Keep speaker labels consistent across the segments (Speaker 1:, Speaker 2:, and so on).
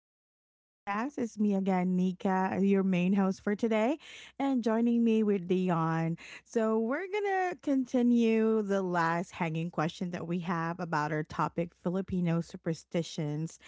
Speaker 1: back to the podcast. It's me again, Nika, your main host for today, and joining me with Dion. So, we're going to continue the last hanging question that we have about our topic Filipino superstitions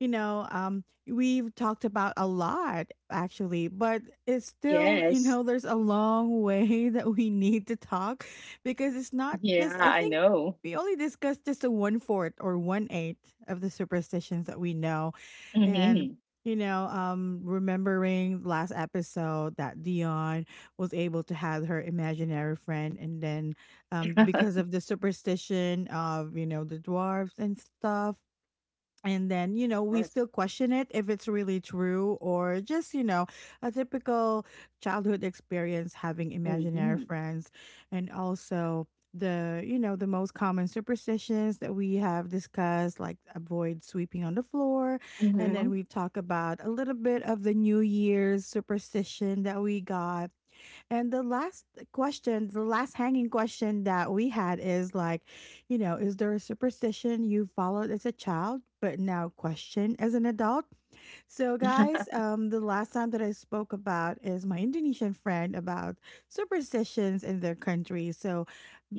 Speaker 1: we've talked about a lot actually, but it's
Speaker 2: Yes.
Speaker 1: still, there's a long way that we need to talk because
Speaker 2: Yeah,
Speaker 1: it's not
Speaker 2: I
Speaker 1: just, I
Speaker 2: know.
Speaker 1: think we only discussed just a one fourth or one eighth of the superstitions that we know.
Speaker 2: Mhm.
Speaker 1: And, Remembering last episode that Dion was able to have her imaginary friend, and then because of the superstition of the dwarves and stuff. And then we
Speaker 2: Yes.
Speaker 1: still question it if it's really true or just a typical childhood experience having imaginary
Speaker 2: Mhm.
Speaker 1: friends. And also the the most common superstitions that we have discussed, like avoid sweeping on the floor, and
Speaker 2: Mhm.
Speaker 1: then we talk about a little bit of the new year's superstition that we got. And the last question, the last hanging question that we had is like, you know, is there a superstition you followed as a child but now question as an adult? So, guys, the last time that I spoke about is my Indonesian friend about superstitions in their country. So,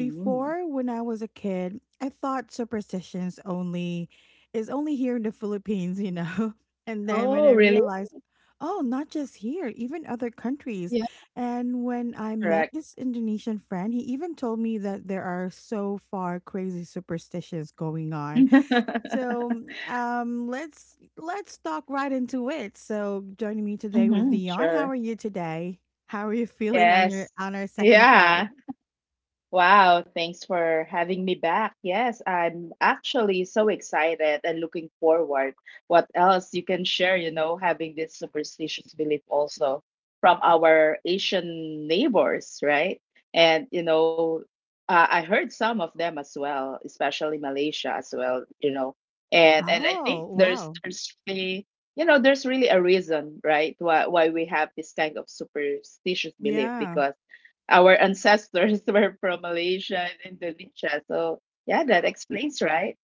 Speaker 2: Mm.
Speaker 1: when I was a kid, I thought superstitions only is only here in the Philippines, you know. And then when I
Speaker 2: Oh, really?
Speaker 1: realized, oh, not just here, even other countries.
Speaker 2: Yeah,
Speaker 1: And when I
Speaker 2: correct.
Speaker 1: met this Indonesian friend, he even told me that there are so far crazy superstitions going on, so let's talk right into it. So joining me today with
Speaker 2: Mhm.
Speaker 1: Dion. How
Speaker 2: Sure.
Speaker 1: are you today? How are you feeling on your
Speaker 2: Yes.
Speaker 1: on our second part?
Speaker 2: Yeah. Wow, thanks for having me back. Yes, I'm actually so excited and looking forward. What else you can share, you know, having this superstitious belief also from our Asian neighbors, right? And, you know, I heard some of them as well, especially Malaysia as well, you know. And I think
Speaker 1: Oh
Speaker 2: there's
Speaker 1: wow,
Speaker 2: there's really, you know, there's really a reason, right, why we have this kind of superstitious belief
Speaker 1: yeah,
Speaker 2: because our ancestors were from Malaysia and Indonesia. So, yeah, that explains, right?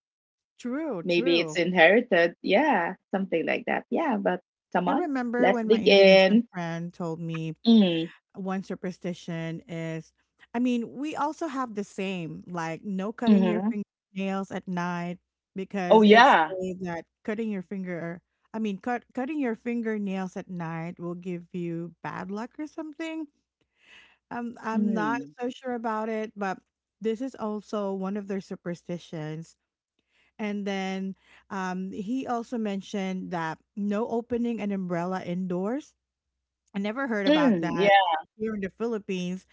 Speaker 1: true,
Speaker 2: Maybe it's
Speaker 1: true.
Speaker 2: inherited. Yeah, something like that. Yeah, but come
Speaker 1: I
Speaker 2: on,
Speaker 1: remember
Speaker 2: let's
Speaker 1: when my
Speaker 2: dig
Speaker 1: Indonesian
Speaker 2: in.
Speaker 1: friend told me
Speaker 2: Mm,
Speaker 1: one superstition is, I mean, we also have the same, like no cutting your
Speaker 2: mm-hmm.
Speaker 1: fingernails at night
Speaker 2: Oh,
Speaker 1: because it's
Speaker 2: yeah.
Speaker 1: say that cutting your finger I mean cutting your fingernails at night will give you bad luck or something. I'm not
Speaker 2: Mm,
Speaker 1: so sure about it, but this is also one of their superstitions. And then he also mentioned that no opening an umbrella indoors. I never heard about
Speaker 2: mm,
Speaker 1: that
Speaker 2: yeah.
Speaker 1: here in the Philippines,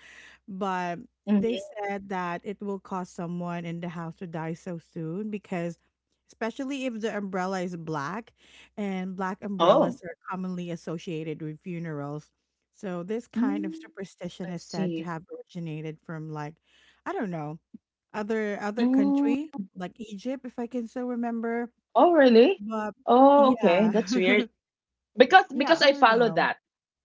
Speaker 1: but they
Speaker 2: Mm-hmm.
Speaker 1: said that it will cause someone in the house to die so soon, because especially if the umbrella is black, and black
Speaker 2: Oh,
Speaker 1: umbrellas are commonly associated with funerals, so this kind of
Speaker 2: mm,
Speaker 1: superstition
Speaker 2: I
Speaker 1: is said to
Speaker 2: see.
Speaker 1: have originated from, like, I don't know, other
Speaker 2: Mm.
Speaker 1: country like Egypt, if I can still remember.
Speaker 2: Oh, really?
Speaker 1: But
Speaker 2: Oh, okay.
Speaker 1: yeah.
Speaker 2: That's weird. because
Speaker 1: Yeah,
Speaker 2: because
Speaker 1: I
Speaker 2: I
Speaker 1: don't
Speaker 2: follow
Speaker 1: know.
Speaker 2: that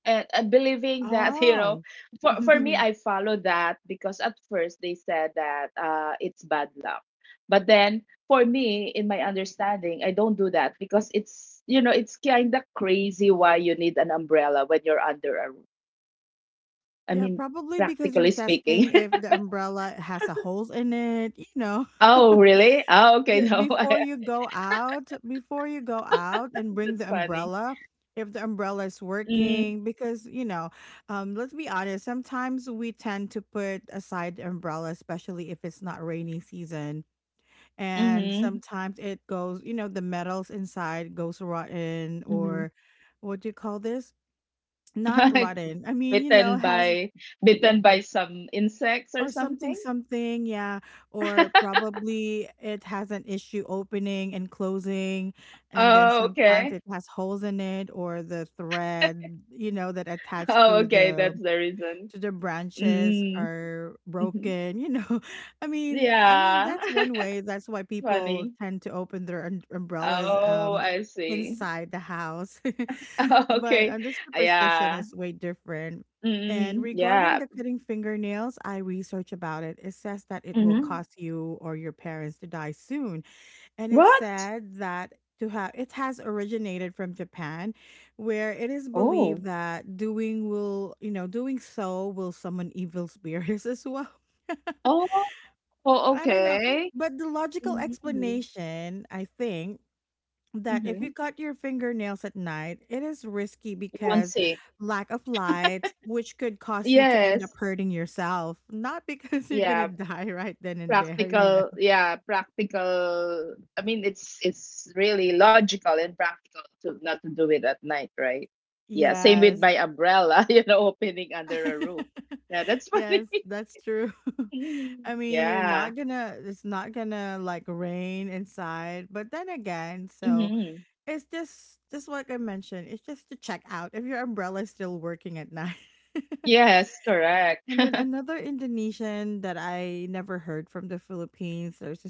Speaker 2: and believing that, you know,
Speaker 1: Oh.
Speaker 2: for me I follow that because at first they said that it's bad luck, but then for me in my understanding I don't do that because, it's you know it's kind of crazy, why you need an umbrella when you're under a roof. I
Speaker 1: Yeah,
Speaker 2: mean,
Speaker 1: probably because you're
Speaker 2: practically speaking.
Speaker 1: testing if the umbrella has a holes in it, you know.
Speaker 2: Oh, really? Oh, okay. No.
Speaker 1: Before you go out, before you go out and bring
Speaker 2: That's
Speaker 1: the
Speaker 2: funny.
Speaker 1: umbrella, if the umbrella is
Speaker 2: Mm,
Speaker 1: working, because you know, let's be honest, sometimes we tend to put aside the umbrella, especially if it's not rainy season. And
Speaker 2: mm-hmm,
Speaker 1: sometimes it goes, you know, the metals inside goes rotten
Speaker 2: mm-hmm.
Speaker 1: or what do you call this? Not rotten. I mean, you know,
Speaker 2: Bitten
Speaker 1: has.
Speaker 2: by, some insects or
Speaker 1: Or something
Speaker 2: something?
Speaker 1: something, yeah. Or probably it has an issue opening and closing, and then
Speaker 2: Oh,
Speaker 1: sometimes
Speaker 2: okay.
Speaker 1: it has holes in it or the thread, you know, that attached
Speaker 2: Oh, okay, that's the reason.
Speaker 1: to the branches
Speaker 2: Mm.
Speaker 1: are
Speaker 2: Mhm.
Speaker 1: broken, you know. I mean
Speaker 2: Yeah.
Speaker 1: that's one way. That's why people
Speaker 2: Funny.
Speaker 1: tend to open their umbrellas
Speaker 2: Oh, I see.
Speaker 1: inside the house. But
Speaker 2: Okay.
Speaker 1: this superstition
Speaker 2: Yeah.
Speaker 1: is way different. And
Speaker 2: Mm,
Speaker 1: regarding
Speaker 2: yeah.
Speaker 1: the cutting fingernails, I research about it. It says that it will
Speaker 2: Mhm.
Speaker 1: cause you or your parents to die soon. And it
Speaker 2: What?
Speaker 1: said that to have it has originated from Japan, where it is believed
Speaker 2: Oh.
Speaker 1: that doing will, you know, doing so will summon evil spirits as well.
Speaker 2: Oh. Oh,
Speaker 1: I don't know.
Speaker 2: okay.
Speaker 1: But the logical
Speaker 2: Mhm.
Speaker 1: explanation, I think, that if you
Speaker 2: Mhm.
Speaker 1: cut your fingernails at night, it is risky
Speaker 2: You won't
Speaker 1: because
Speaker 2: see.
Speaker 1: lack of light, which could cause you to end up
Speaker 2: Yes.
Speaker 1: hurting yourself, not because you're gonna
Speaker 2: Yeah.
Speaker 1: die right then and there, you know.
Speaker 2: Practical, yeah, practical. I mean, it's really logical and practical to not to do it at night, right? Yeah, same with
Speaker 1: Yes.
Speaker 2: my umbrella, opening under a roof. Yeah, that's funny.
Speaker 1: Yes, that's true. I mean, you're
Speaker 2: Yeah.
Speaker 1: not gonna, it's not gonna like rain inside, but then again, so
Speaker 2: Hmm.
Speaker 1: it's just like I mentioned, it's just to check out if your umbrella is still working at night.
Speaker 2: Yes, correct.
Speaker 1: And then another Indonesian that I never heard from the Philippines, there's a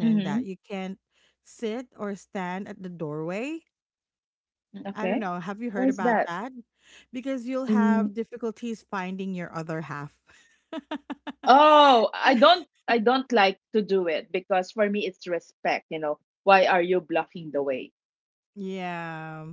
Speaker 2: Hmm.
Speaker 1: that you can't sit or stand at the doorway. I don't
Speaker 2: Okay.
Speaker 1: know. Have you
Speaker 2: Why
Speaker 1: heard
Speaker 2: is
Speaker 1: about
Speaker 2: that?
Speaker 1: that? Because you'll
Speaker 2: Mm,
Speaker 1: have difficulties finding your other half.
Speaker 2: oh, I
Speaker 1: Yeah.
Speaker 2: don't I don't like to do it because for me it's respect, you know. Why are you blocking the way?
Speaker 1: Yeah.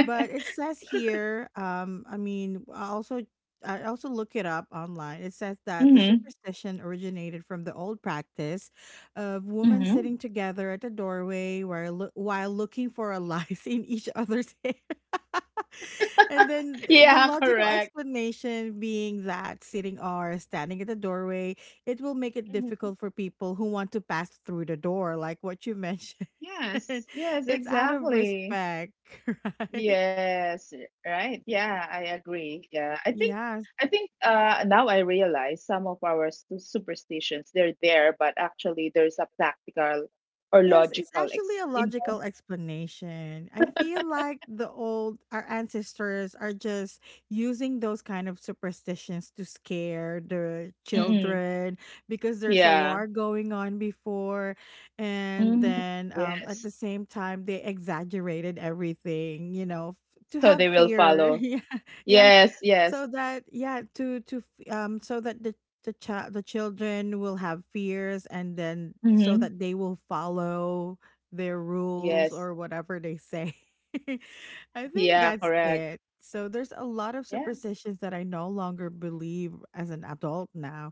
Speaker 1: But it says here, I mean, I also look it up online. It says that the
Speaker 2: Hmm.
Speaker 1: superstition originated from the old practice of women
Speaker 2: Hmm.
Speaker 1: sitting together at the doorway while while looking for a lice in each other's hair. And then the
Speaker 2: Yeah,
Speaker 1: logical
Speaker 2: correct.
Speaker 1: explanation being that sitting or standing at the doorway, it will make it
Speaker 2: Mm-hmm.
Speaker 1: difficult for people who want to pass through the door, like what you mentioned.
Speaker 2: Yes, yes,
Speaker 1: It's out of
Speaker 2: exactly.
Speaker 1: respect, right?
Speaker 2: Yes, right. Yeah, I agree. Yeah, I think
Speaker 1: Yes.
Speaker 2: I think now I realize some of our superstitions, they're there, but actually there's a practical or
Speaker 1: Yes, it's
Speaker 2: logical
Speaker 1: actually
Speaker 2: ex
Speaker 1: a
Speaker 2: you
Speaker 1: logical explanation. I feel like the old our ancestors are just using those kind of superstitions to scare the
Speaker 2: know? Mm-mm.
Speaker 1: children because there's a
Speaker 2: Yeah.
Speaker 1: war going on before, and
Speaker 2: Mm.
Speaker 1: then at
Speaker 2: Yes.
Speaker 1: the same time they exaggerated everything, you know, to
Speaker 2: So
Speaker 1: have
Speaker 2: they will
Speaker 1: fear.
Speaker 2: follow.
Speaker 1: Yeah. Yeah.
Speaker 2: Yes,
Speaker 1: So
Speaker 2: yes.
Speaker 1: that yeah, so that the child the children will have fears, and then so
Speaker 2: Mm-hmm.
Speaker 1: that they will follow their rules
Speaker 2: Yes.
Speaker 1: or whatever they say. I think
Speaker 2: Yeah,
Speaker 1: that's
Speaker 2: correct.
Speaker 1: it. So there's a lot of
Speaker 2: Yeah.
Speaker 1: superstitions that I no longer believe as an adult now.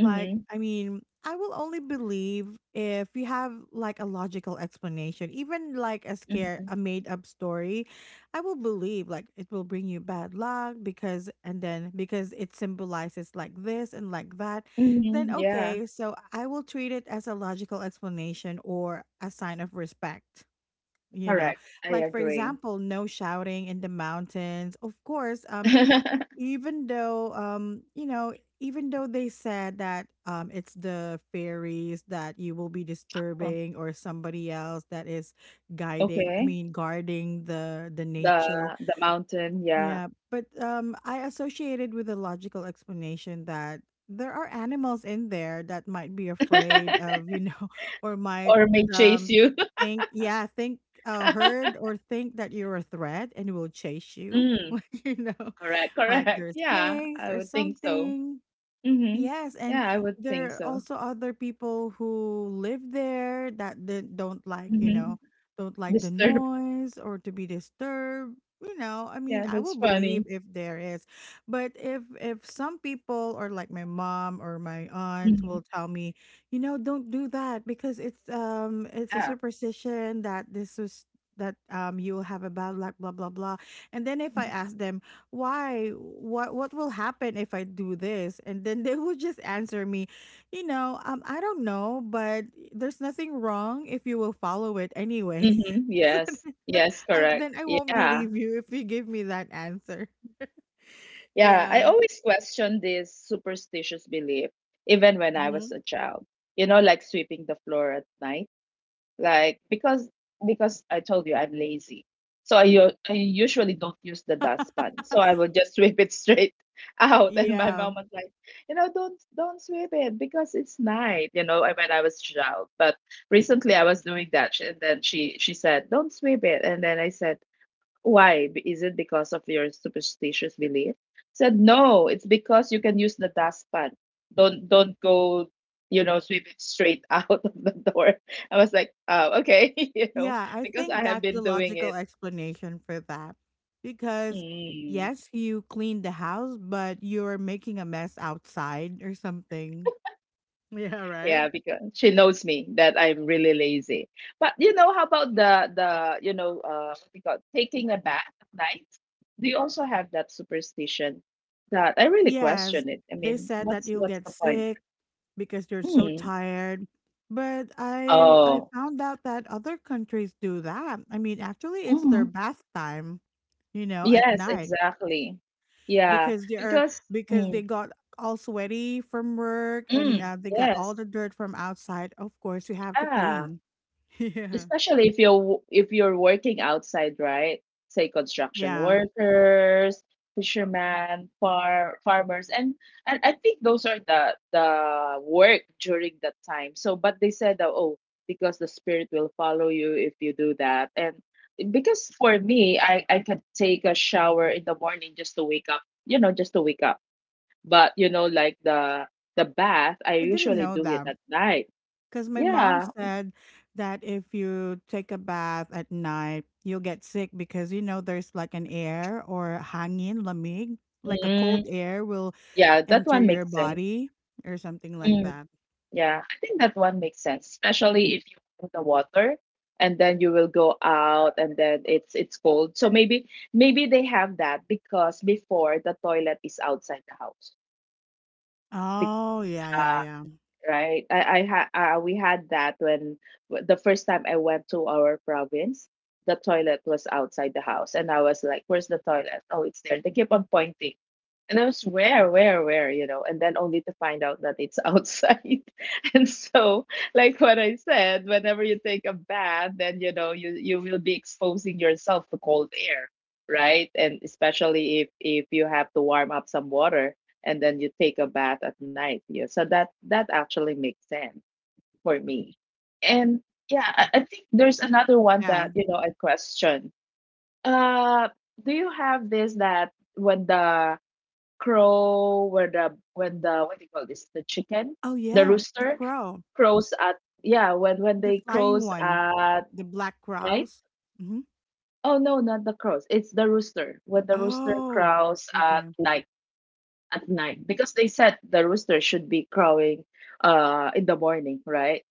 Speaker 1: Like,
Speaker 2: Mm-hmm.
Speaker 1: I mean, I will only believe if you have like a logical explanation, even like a scare,
Speaker 2: Mm-hmm.
Speaker 1: a made up story. I will believe, like it will bring you bad luck because, and then because it symbolizes like this and like that, then
Speaker 2: Mm-hmm. Yeah,
Speaker 1: okay, so I will treat it as a logical explanation or a sign of respect. You know,
Speaker 2: correct. I
Speaker 1: like for
Speaker 2: agree.
Speaker 1: example, no shouting in the mountains. Of course, even though you know, even though they said that it's the fairies that you will be disturbing, or somebody else that is guiding I
Speaker 2: Okay.
Speaker 1: mean guarding the nature.
Speaker 2: The the mountain, yeah.
Speaker 1: Yeah, but I associated with a logical explanation that there are animals in there that might be afraid of, you know, or might
Speaker 2: Or may chase
Speaker 1: um
Speaker 2: you.
Speaker 1: think, yeah, think heard or think that you're a threat and will chase you,
Speaker 2: Mm,
Speaker 1: like you know,
Speaker 2: correct,
Speaker 1: like
Speaker 2: correct.
Speaker 1: there's
Speaker 2: Yeah,
Speaker 1: snakes
Speaker 2: I
Speaker 1: or
Speaker 2: would think so.
Speaker 1: something.
Speaker 2: Mm-hmm.
Speaker 1: Yes, and
Speaker 2: Yeah, I would think
Speaker 1: there are
Speaker 2: so.
Speaker 1: also other people who live there that they don't like, you
Speaker 2: Mm-hmm.
Speaker 1: know, don't like the
Speaker 2: Disturbed.
Speaker 1: noise or to be disturbed. You know, I mean,
Speaker 2: Yeah,
Speaker 1: I
Speaker 2: that's
Speaker 1: will believe
Speaker 2: funny.
Speaker 1: if there is, but if some people or like my mom or my aunt
Speaker 2: Mm-hmm.
Speaker 1: will tell me, you know, don't do that because it's a
Speaker 2: Yeah.
Speaker 1: superstition that this is that you'll have a bad luck, blah blah blah. And then if
Speaker 2: Mm-hmm.
Speaker 1: I ask them why, what will happen if I do this, and then they would just answer me, I don't know, but there's nothing wrong if you will follow it anyway.
Speaker 2: Mm-hmm.
Speaker 1: So
Speaker 2: Yes.
Speaker 1: then,
Speaker 2: Yes, correct.
Speaker 1: then I won't
Speaker 2: Yeah.
Speaker 1: believe you if you give me that answer.
Speaker 2: Yeah. I
Speaker 1: Yeah.
Speaker 2: always question this superstitious belief, even when I was
Speaker 1: Mhm.
Speaker 2: a child. You know, like sweeping the floor at night. Like, because I told you I'm lazy, so I I usually don't use the dustpan, so I would just sweep it straight out. And my
Speaker 1: Yeah.
Speaker 2: mom was like, you know, don't sweep it because it's night, you know. When I was child, but recently I was doing that, and then she said, don't sweep it, and then I said, why? Is it because of your superstitious belief? Said no, it's because you can use the dustpan. Don't go, sweep it straight out of the door. I was like, oh, okay,
Speaker 1: Yeah, I
Speaker 2: because
Speaker 1: think
Speaker 2: I have
Speaker 1: that's
Speaker 2: been
Speaker 1: the
Speaker 2: doing
Speaker 1: logical
Speaker 2: it.
Speaker 1: explanation for that, because
Speaker 2: Mm.
Speaker 1: yes you cleaned the house but you're making a mess outside or something. Yeah, right.
Speaker 2: Yeah, because she knows me that I'm really lazy. But how about the what we call taking a bath at night? Do you also have that superstition? That I really
Speaker 1: Yes,
Speaker 2: question it. I
Speaker 1: they
Speaker 2: mean,
Speaker 1: said that
Speaker 2: what's
Speaker 1: you'll
Speaker 2: what's
Speaker 1: get
Speaker 2: the point?
Speaker 1: sick because you're so
Speaker 2: Hmm.
Speaker 1: tired. But I
Speaker 2: Oh.
Speaker 1: found out that other countries do that. I mean, actually, it's their
Speaker 2: Mm.
Speaker 1: bath time, you know, at
Speaker 2: Yes,
Speaker 1: night
Speaker 2: exactly. Yeah,
Speaker 1: because they are
Speaker 2: because,
Speaker 1: because they
Speaker 2: mm,
Speaker 1: got all sweaty from work and
Speaker 2: mm,
Speaker 1: they got all
Speaker 2: yes.
Speaker 1: the dirt from outside. Of course, you have to
Speaker 2: Yeah.
Speaker 1: clean. Yeah.
Speaker 2: Especially if you're working outside, right? Say construction
Speaker 1: Yeah,
Speaker 2: workers, fishermen, farmers, and I think those are the work during that time. So, but they said that, oh, because the spirit will follow you if you do that. And because for me, I could take a shower in the morning just to wake up, you know, just to wake up. But like the bath, I
Speaker 1: I didn't
Speaker 2: usually
Speaker 1: know
Speaker 2: do it
Speaker 1: that.
Speaker 2: at night.
Speaker 1: Because my mom
Speaker 2: Yeah.
Speaker 1: said that if you take a bath at night, you'll get sick because you know there's like an air or hangin, lamig, like a
Speaker 2: Mm.
Speaker 1: cold air will
Speaker 2: Yeah, that one
Speaker 1: enter
Speaker 2: makes
Speaker 1: your
Speaker 2: sense.
Speaker 1: body or something like
Speaker 2: Mm,
Speaker 1: that.
Speaker 2: yeah, I think that one makes sense, especially if you in the water and then you will go out and then it's cold. So maybe, they have that because before the toilet is outside the house. Because,
Speaker 1: Oh, yeah, yeah, yeah.
Speaker 2: right? we had that when the first time I went to our province, the toilet was outside the house, and I was like, "Where's the toilet? Oh, it's there." They keep on pointing, and I was where, and then only to find out that it's outside. And so, like what I said, whenever you take a bath, then you will be exposing yourself to cold air, right? And especially if you have to warm up some water and then you take a bath at night. Yeah, so that actually makes sense for me. And yeah, I think there's another one
Speaker 1: Yeah.
Speaker 2: that I question. Uh, do you have this that when the what do you call this, the chicken,
Speaker 1: Oh,
Speaker 2: the
Speaker 1: yeah. The
Speaker 2: rooster
Speaker 1: crow,
Speaker 2: crows at, yeah, when
Speaker 1: the
Speaker 2: they
Speaker 1: flying
Speaker 2: crows
Speaker 1: one,
Speaker 2: at
Speaker 1: the black
Speaker 2: night.
Speaker 1: crows. Hmm.
Speaker 2: Oh no, not the crows. It's the rooster. When the rooster
Speaker 1: Oh,
Speaker 2: crows at
Speaker 1: okay.
Speaker 2: night, because they said the rooster should be crowing in the morning, right,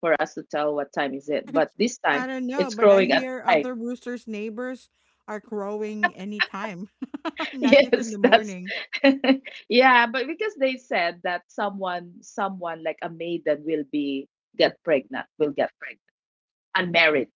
Speaker 2: for us to tell what time is it, but this time
Speaker 1: I don't know,
Speaker 2: it's
Speaker 1: but I
Speaker 2: crowing at
Speaker 1: hear
Speaker 2: night.
Speaker 1: other roosters' neighbors are crowing anytime, not just in the
Speaker 2: Yes, that's
Speaker 1: morning.
Speaker 2: yeah, but because they said that someone like a maiden will be get pregnant,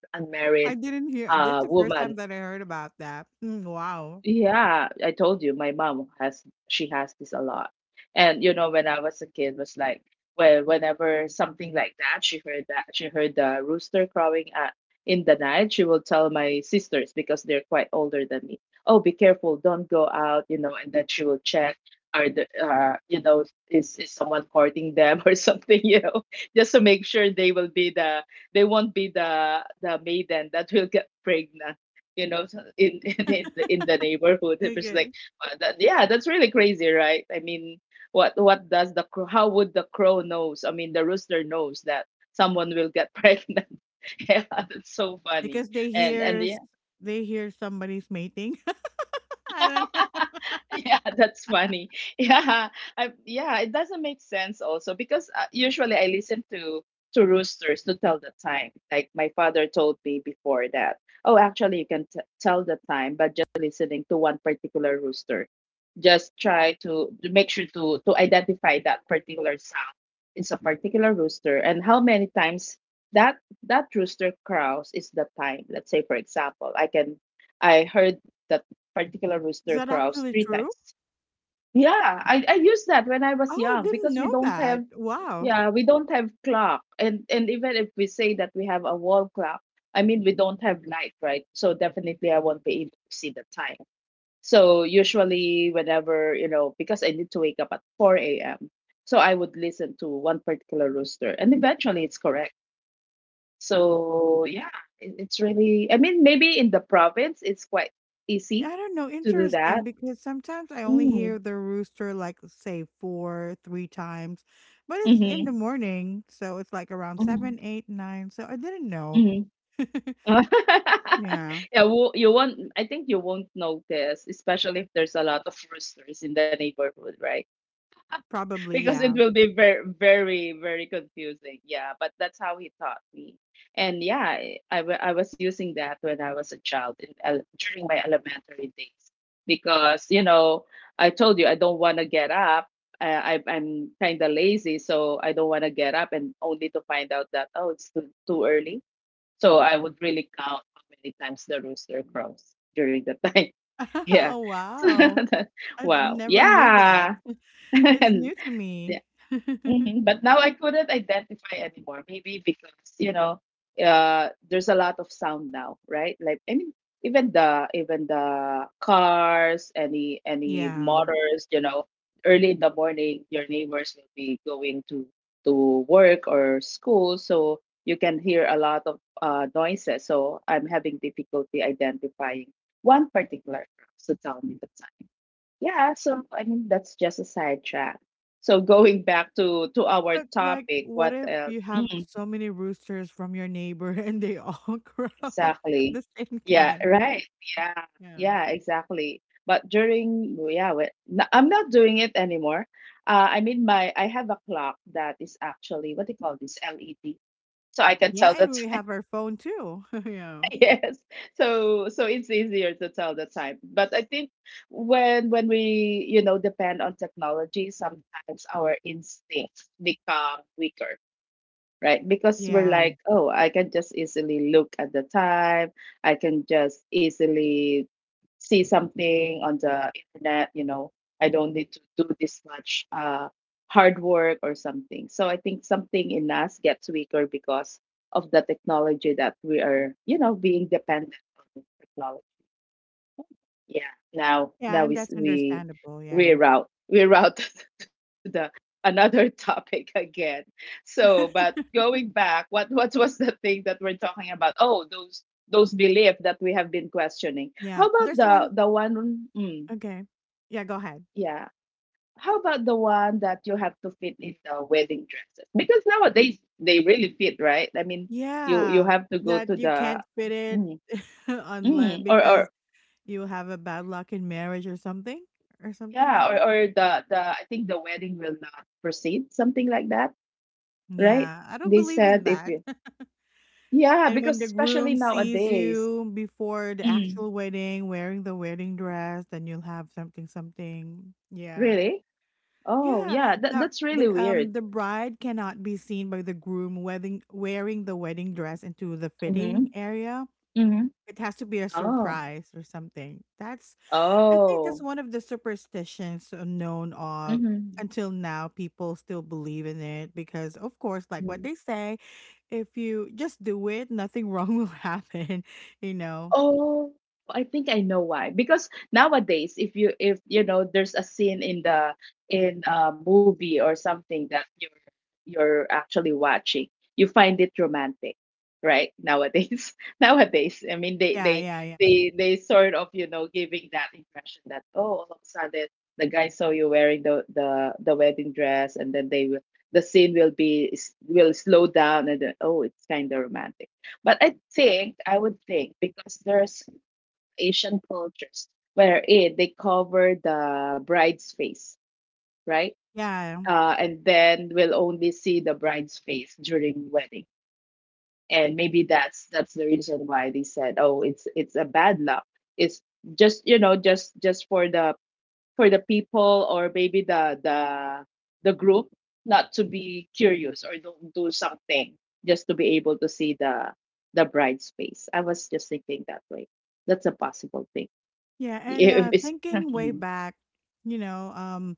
Speaker 1: I
Speaker 2: unmarried
Speaker 1: didn't hear, this is the first
Speaker 2: woman.
Speaker 1: time that I heard about that. Mm, wow.
Speaker 2: Yeah, I told you my mom has she has this a lot. And when I was a kid, was like, well, whenever something like that, she heard the rooster crowing at in the night, she will tell my sisters because they're quite older than me. Oh, be careful, don't go out, you know, and then she will check, are the you know is someone courting them or something, just to make sure they won't be the maiden that will get pregnant, you know in in the neighborhood. It was like,
Speaker 1: Okay.
Speaker 2: yeah, that's really crazy, right? I mean, what does how would the crow knows? I mean, the rooster knows that someone will get pregnant. Yeah, that's so funny.
Speaker 1: Because they
Speaker 2: And
Speaker 1: hear they hear somebody's mating. I don't know.
Speaker 2: yeah, that's funny. Yeah, yeah, it doesn't make sense also because usually I listen to roosters to tell the time. Like my father told me before that, oh, actually you can t tell the time by just listening to one particular rooster. Just try to make sure to identify that particular sound. It's a particular rooster, and how many times that that rooster crows is the time. Let's say, for example, I heard the particular
Speaker 1: Is
Speaker 2: rooster
Speaker 1: that
Speaker 2: crows
Speaker 1: actually
Speaker 2: three
Speaker 1: true?
Speaker 2: times. Yeah, I used that when I
Speaker 1: Oh,
Speaker 2: was
Speaker 1: I
Speaker 2: young
Speaker 1: didn't
Speaker 2: because we
Speaker 1: know
Speaker 2: don't
Speaker 1: that.
Speaker 2: have,
Speaker 1: Wow.
Speaker 2: yeah, we don't have clock. And even if we say that we have a wall clock, I mean we don't have light, right? So definitely I won't be able to see the time. So usually whenever, because I need to wake up at four AM. So I would listen to one particular rooster and eventually it's correct. So yeah, it's really, I mean, maybe in the province it's quite
Speaker 1: Yeah,
Speaker 2: easy
Speaker 1: I don't know,
Speaker 2: to do
Speaker 1: interesting,
Speaker 2: that.
Speaker 1: because sometimes I only hear
Speaker 2: Mm.
Speaker 1: the rooster, like, say 4, 3 times, but it's in the
Speaker 2: Mhm.
Speaker 1: morning, so it's, like, around
Speaker 2: Mhm.
Speaker 1: 7, 8, 9. So I didn't know.
Speaker 2: Mhm.
Speaker 1: Yeah,
Speaker 2: Yeah, wo you won't I think you won't notice, especially if there's a lot of roosters in the neighborhood, right?
Speaker 1: probably,
Speaker 2: Because it
Speaker 1: yeah.
Speaker 2: will be very, very, very confusing. Yeah, but that's how he taught me. And yeah, I was using that when I was a child during my elementary days, because I told you I don't want to get up. I'm kind of lazy, so I don't want to get up and only to find out that, oh, it's too, too early. So I would really count how many times the rooster crows during the time. yeah
Speaker 1: Oh,
Speaker 2: so
Speaker 1: wow.
Speaker 2: that,
Speaker 1: I
Speaker 2: wow
Speaker 1: never knew that.
Speaker 2: yeah.
Speaker 1: It's
Speaker 2: And
Speaker 1: new to me.
Speaker 2: yeah. Mhm. But now I couldn't identify anymore. Maybe because you know, there's a lot of sound now, right? Like, I mean, even the cars, any
Speaker 1: Yeah,
Speaker 2: motors, early in the morning, your neighbors will be going to work or school, so you can hear a lot of noises. So I'm having difficulty identifying one particular. So, tell me the yeah, so I mean that's just a sidetrack. So going back to our
Speaker 1: but, like,
Speaker 2: topic,
Speaker 1: what
Speaker 2: what
Speaker 1: if
Speaker 2: else?
Speaker 1: you have
Speaker 2: Mm,
Speaker 1: so many roosters from your neighbor and they all crow at
Speaker 2: exactly.
Speaker 1: the same
Speaker 2: Yeah,
Speaker 1: time?
Speaker 2: right. Yeah,
Speaker 1: Yeah.
Speaker 2: yeah, exactly. But during yeah, wait, no, I'm not doing it anymore. I mean my I have a clock that is actually what do you call this LED, so I can
Speaker 1: Yeah,
Speaker 2: tell
Speaker 1: and
Speaker 2: that.
Speaker 1: we have our phone too. yeah.
Speaker 2: Yes, so it's easier to tell the time, but I think when we, you know, depend on technology, sometimes our instincts become weaker, right? Because we're
Speaker 1: Yeah.
Speaker 2: like, oh, I can just easily look at the time. I can just easily see something on the internet, you know. I don't need to do this much hard work or something. So I think something in us gets weaker because of the technology that we are, you know, being dependent on technology. Yeah. Now,
Speaker 1: Yeah,
Speaker 2: now
Speaker 1: and that's
Speaker 2: we
Speaker 1: understandable. Yeah.
Speaker 2: reroute reroute to the another topic again. So, but going back, what was the thing that we're talking about? Oh, those beliefs that we have been questioning.
Speaker 1: Yeah.
Speaker 2: How about
Speaker 1: There's one
Speaker 2: the one? Mm,
Speaker 1: okay. Yeah, go ahead.
Speaker 2: yeah. How about the one that you have to fit in the wedding dresses? Because nowadays they really fit, right? I mean, you
Speaker 1: Yeah.
Speaker 2: have to go to
Speaker 1: That you
Speaker 2: the
Speaker 1: can't fit it
Speaker 2: mm,
Speaker 1: unless
Speaker 2: mm,
Speaker 1: because
Speaker 2: or
Speaker 1: you have a bad luck in marriage or something like
Speaker 2: yeah,
Speaker 1: that.
Speaker 2: or the I think the wedding will not proceed, something like that, right?
Speaker 1: Yeah. I don't
Speaker 2: They
Speaker 1: believe
Speaker 2: said
Speaker 1: in
Speaker 2: if
Speaker 1: that.
Speaker 2: you yeah,
Speaker 1: And when
Speaker 2: because
Speaker 1: the
Speaker 2: especially
Speaker 1: groom sees
Speaker 2: nowadays.
Speaker 1: you before the
Speaker 2: Mm,
Speaker 1: actual wedding wearing the wedding dress, then you'll have something something. Yeah.
Speaker 2: really? Oh,
Speaker 1: Yeah,
Speaker 2: yeah,
Speaker 1: that
Speaker 2: that's really weird.
Speaker 1: the bride cannot be seen by the groom wedding wearing the wedding dress into the
Speaker 2: Mm-hmm.
Speaker 1: fitting area.
Speaker 2: Mm-hmm.
Speaker 1: It has to be a
Speaker 2: Oh,
Speaker 1: surprise or something. That's I think that's
Speaker 2: oh,
Speaker 1: one of the superstitions known of
Speaker 2: mm-hmm.
Speaker 1: until now. People still believe in it because of course like what they say, if you just do it, nothing wrong will happen, you know.
Speaker 2: Oh, I think I know why. Because nowadays, if you know, there's a scene in the in a movie or something that you're actually watching, you find it romantic, right? Nowadays, nowadays, I mean, they
Speaker 1: Yeah,
Speaker 2: they
Speaker 1: yeah, yeah.
Speaker 2: they they sort of, you know, giving that impression that oh, all of a sudden the guy saw you wearing the wedding dress, and then the scene will be will slow down and then, oh, it's kind of romantic, but I think, I would think, because there's Asian cultures wherein they cover the bride's face, right?
Speaker 1: Yeah.
Speaker 2: And then we'll only see the bride's face during wedding. And maybe that's the reason why they said, oh, it's a bad luck. It's just, you know, just for the people or maybe the the group not to be curious or don't do something just to be able to see the bride's face. I was just thinking that way. That's a possible thing.
Speaker 1: Yeah, and
Speaker 2: If it's
Speaker 1: thinking way
Speaker 2: definitely.
Speaker 1: back, you know, um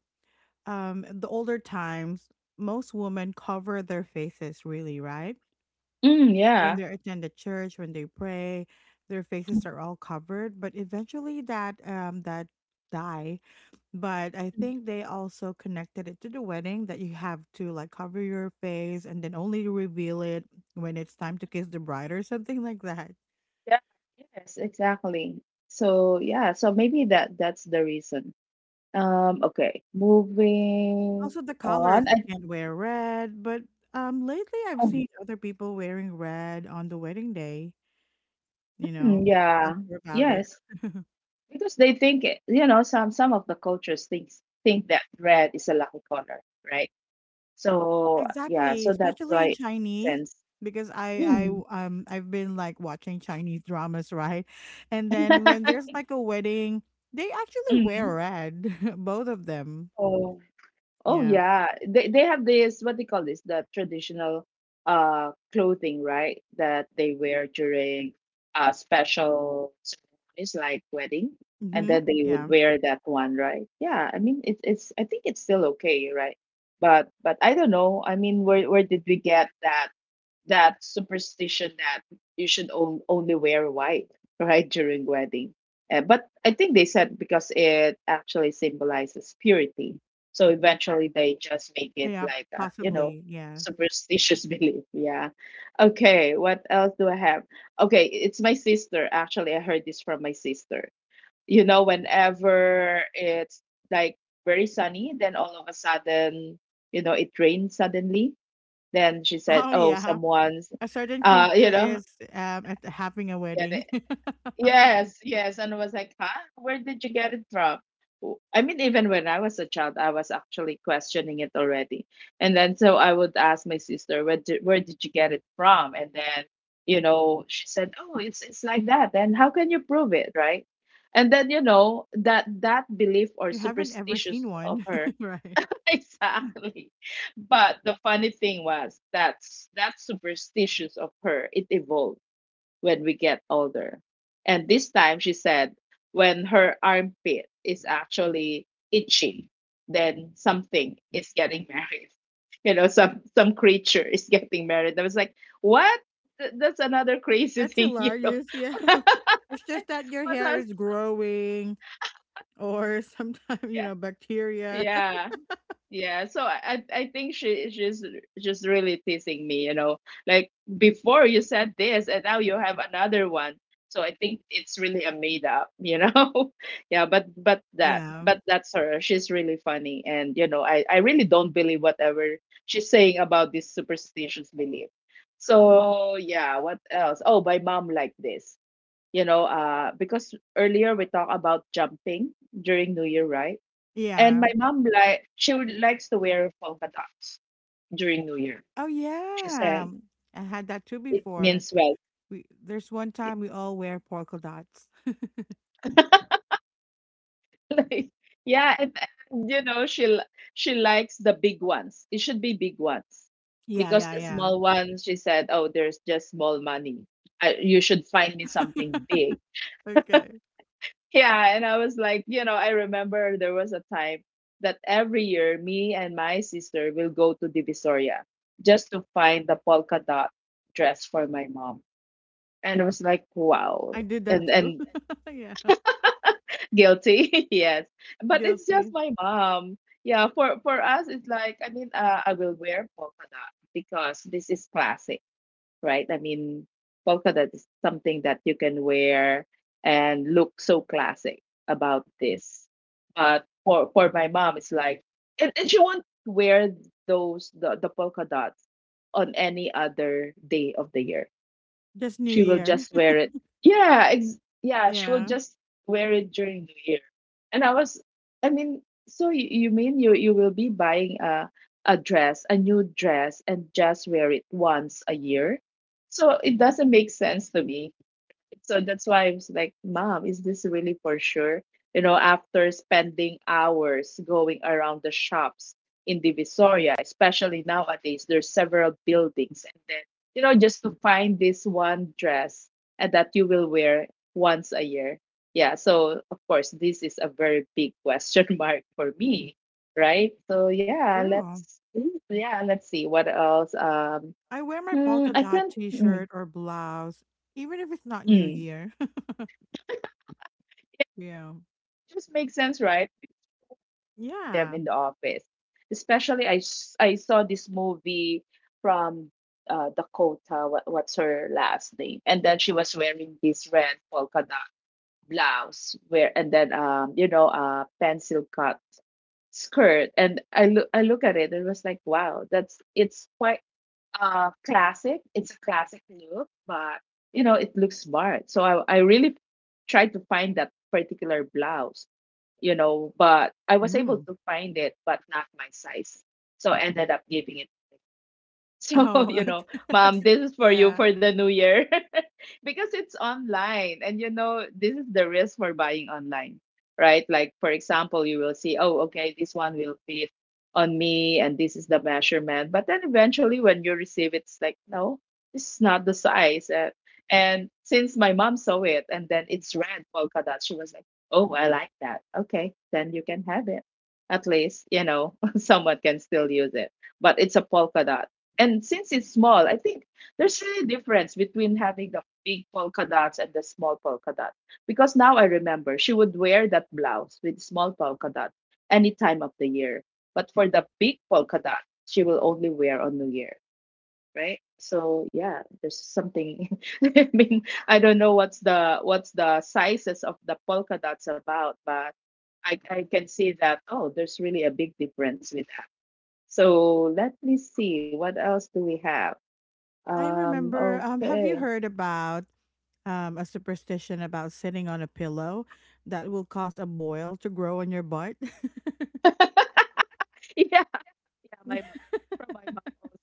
Speaker 1: the older times, most women cover their faces really, right?
Speaker 2: Mm,
Speaker 1: When
Speaker 2: yeah.
Speaker 1: they attend the church, when they pray, their faces are all covered. But eventually, that that die. But I
Speaker 2: Mhm.
Speaker 1: think they also connected it to the wedding that you have to like cover your face and then only reveal it when it's time to kiss the bride or something like that.
Speaker 2: Yeah, yes, exactly. So yeah, so maybe that's the reason. Okay, moving
Speaker 1: Also, the colors
Speaker 2: on.
Speaker 1: you
Speaker 2: I,
Speaker 1: can't wear red, but lately I've
Speaker 2: oh,
Speaker 1: seen other people wearing red on the wedding day. You know,
Speaker 2: hmm,
Speaker 1: I'm not
Speaker 2: yeah,
Speaker 1: sure about it.
Speaker 2: yes, because they think it- you know, some of the cultures thinks think that red is a lucky color, right. So yeah,
Speaker 1: Exactly,
Speaker 2: so that's
Speaker 1: especially
Speaker 2: why
Speaker 1: in
Speaker 2: it makes
Speaker 1: Chinese
Speaker 2: sense.
Speaker 1: because I
Speaker 2: Mm.
Speaker 1: I um I've been like watching Chinese dramas, right? And then when there's like a wedding, they actually wear
Speaker 2: Hmm.
Speaker 1: red, both of them.
Speaker 2: Oh
Speaker 1: Yeah.
Speaker 2: yeah, they have this what they call this the traditional clothing, right? That they wear during special ceremonies like wedding, and
Speaker 1: Mhm.
Speaker 2: then they would
Speaker 1: Yeah.
Speaker 2: wear that one, right? Yeah, I mean it's, I think it's still okay, right? But I don't know. I mean, where did we get that superstition that you should on- only wear white right during wedding, but I think they said because it actually symbolizes purity, so eventually they just make it
Speaker 1: Yeah,
Speaker 2: like a, you know,
Speaker 1: possibly. Yes.
Speaker 2: superstitious belief, yeah. Okay, what else do I have? Okay, it's my sister, actually. I heard this from my sister. You know, whenever it's like very sunny, then all of a sudden, you know, it rains suddenly, then she said,
Speaker 1: Oh
Speaker 2: "Oh,
Speaker 1: yeah.
Speaker 2: someone's,
Speaker 1: A certain
Speaker 2: you
Speaker 1: creature
Speaker 2: know,
Speaker 1: is at having a
Speaker 2: get
Speaker 1: wedding.
Speaker 2: it." Yes, yes. And I was like, huh? Where did you get it from? W- I mean, even when I was a child, I was actually questioning it already. And then so I would ask my sister, where did you get it from? And then, you know, she said, oh, it's like that. Then how can you prove it, right? And then, you know, that belief or
Speaker 1: You haven't ever
Speaker 2: superstitious
Speaker 1: seen
Speaker 2: of
Speaker 1: one,
Speaker 2: her
Speaker 1: right?
Speaker 2: exactly. But the funny thing was that superstitious of her, it evolved when we get older. And this time she said when her armpit is actually itching, then something is getting married. You know, some creature is getting married. I was like, what? Th- That's another crazy
Speaker 1: That's
Speaker 2: thing, you know.
Speaker 1: hilarious. Yeah. It's just that your
Speaker 2: What
Speaker 1: hair
Speaker 2: has
Speaker 1: is growing. Or sometimes, you
Speaker 2: yeah.
Speaker 1: know, bacteria.
Speaker 2: Yeah. Yeah, so I think she's just really teasing me, you know. Like before you said this and now you have another one. So I think it's really a made up, you know. Yeah,
Speaker 1: Yeah.
Speaker 2: but that's her. She's really funny, and you know, I really don't believe whatever she's saying about this superstitious belief. So yeah, what else? Oh, my mom like this. You know, because earlier we talked about jumping during New Year, right? And
Speaker 1: Yeah.
Speaker 2: my mom, like, she would likes to wear polka dots during New Year.
Speaker 1: Oh
Speaker 2: She
Speaker 1: yeah.
Speaker 2: said
Speaker 1: I had that too
Speaker 2: it
Speaker 1: before.
Speaker 2: means well.
Speaker 1: We there's one time we all wear polka dots.
Speaker 2: Like, yeah, and you know she likes the big ones. It should be big ones
Speaker 1: Yeah,
Speaker 2: because
Speaker 1: yeah,
Speaker 2: the
Speaker 1: yeah.
Speaker 2: small ones, she said, oh, there's just small money. I, you should find me something big.
Speaker 1: Okay.
Speaker 2: Yeah, and I was like, you know, I remember there was a time that every year me and my sister will go to Divisoria just to find the polka dot dress for my mom, and I was like, wow,
Speaker 1: I did that too.
Speaker 2: and
Speaker 1: Yeah.
Speaker 2: guilty, yes. But it's just
Speaker 1: Guilty.
Speaker 2: my mom. Yeah, for us, it's like, I mean, I will wear polka dot because this is classic, right? I mean, polka dot is something that you can wear and look so classic about this. But for my mom, it's like, and she won't wear those the polka dots on any other day of the year,
Speaker 1: Just New
Speaker 2: she will
Speaker 1: Year.
Speaker 2: just wear it. Yeah, ex- yeah, she will
Speaker 1: Yeah.
Speaker 2: just wear it during the year. And I was, I mean, so you mean you will be buying a dress, a new dress, and just wear it once a year? So it doesn't make sense to me. So that's why I was like, Mom, is this really for sure? You know, after spending hours going around the shops in Divisoria, especially nowadays, there's several buildings. And then, you know, just to find this one dress and that you will wear once a year. Yeah. So, of course, this is a very big question mark for me. Right. So, yeah,
Speaker 1: True.
Speaker 2: let's. Yeah, let's see what else.
Speaker 1: I wear my
Speaker 2: Hmm,
Speaker 1: polka
Speaker 2: I
Speaker 1: dot
Speaker 2: can't. Mm,
Speaker 1: t-shirt or blouse even if it's not New
Speaker 2: mm,
Speaker 1: Year. Yeah.
Speaker 2: just makes sense, right? Them
Speaker 1: Yeah.
Speaker 2: in the office. Especially, s- I saw this movie from Dakota, what's her last name? And then she was wearing this red polka dot blouse, where, and then, um, you know, pencil cut skirt. And I look at it and was like, wow, that's it's quite classic. It's a classic look, but you know it looks smart. So I really tried to find that particular blouse, you know, but I was able
Speaker 1: Mm.
Speaker 2: to find it, but not my size. So I ended up giving it. So,
Speaker 1: Oh,
Speaker 2: you know,
Speaker 1: okay.
Speaker 2: mom, this is for you
Speaker 1: Yeah.
Speaker 2: for the new year because it's online. And, you know, this is the risk for buying online, right? Like, for example, you will see, oh, okay, this one will fit on me and this is the measurement. But then eventually, when you receive it, it's like, no, this is not the size. And since my mom saw it and then it's red polka dot, she was like, oh, I like that. Okay, then you can have it. At least, you know, someone can still use it, but it's a polka dot. And since it's small, I think there's really difference between having the big polka dots and the small polka dot. Because now I remember she would wear that blouse with small polka dot any time of the year. But for the big polka dot, she will only wear on New Year, right? So yeah, there's something. I mean, I don't know what's the sizes of the polka dots about, but I can see that oh, there's really a big difference with that. So let me see what else do we have.
Speaker 1: I
Speaker 2: Um,
Speaker 1: remember have
Speaker 2: okay.
Speaker 1: you heard about a superstition about sitting on a pillow that will cause a boil to grow on your butt.
Speaker 2: Yeah, yeah, my mom. From my mom also.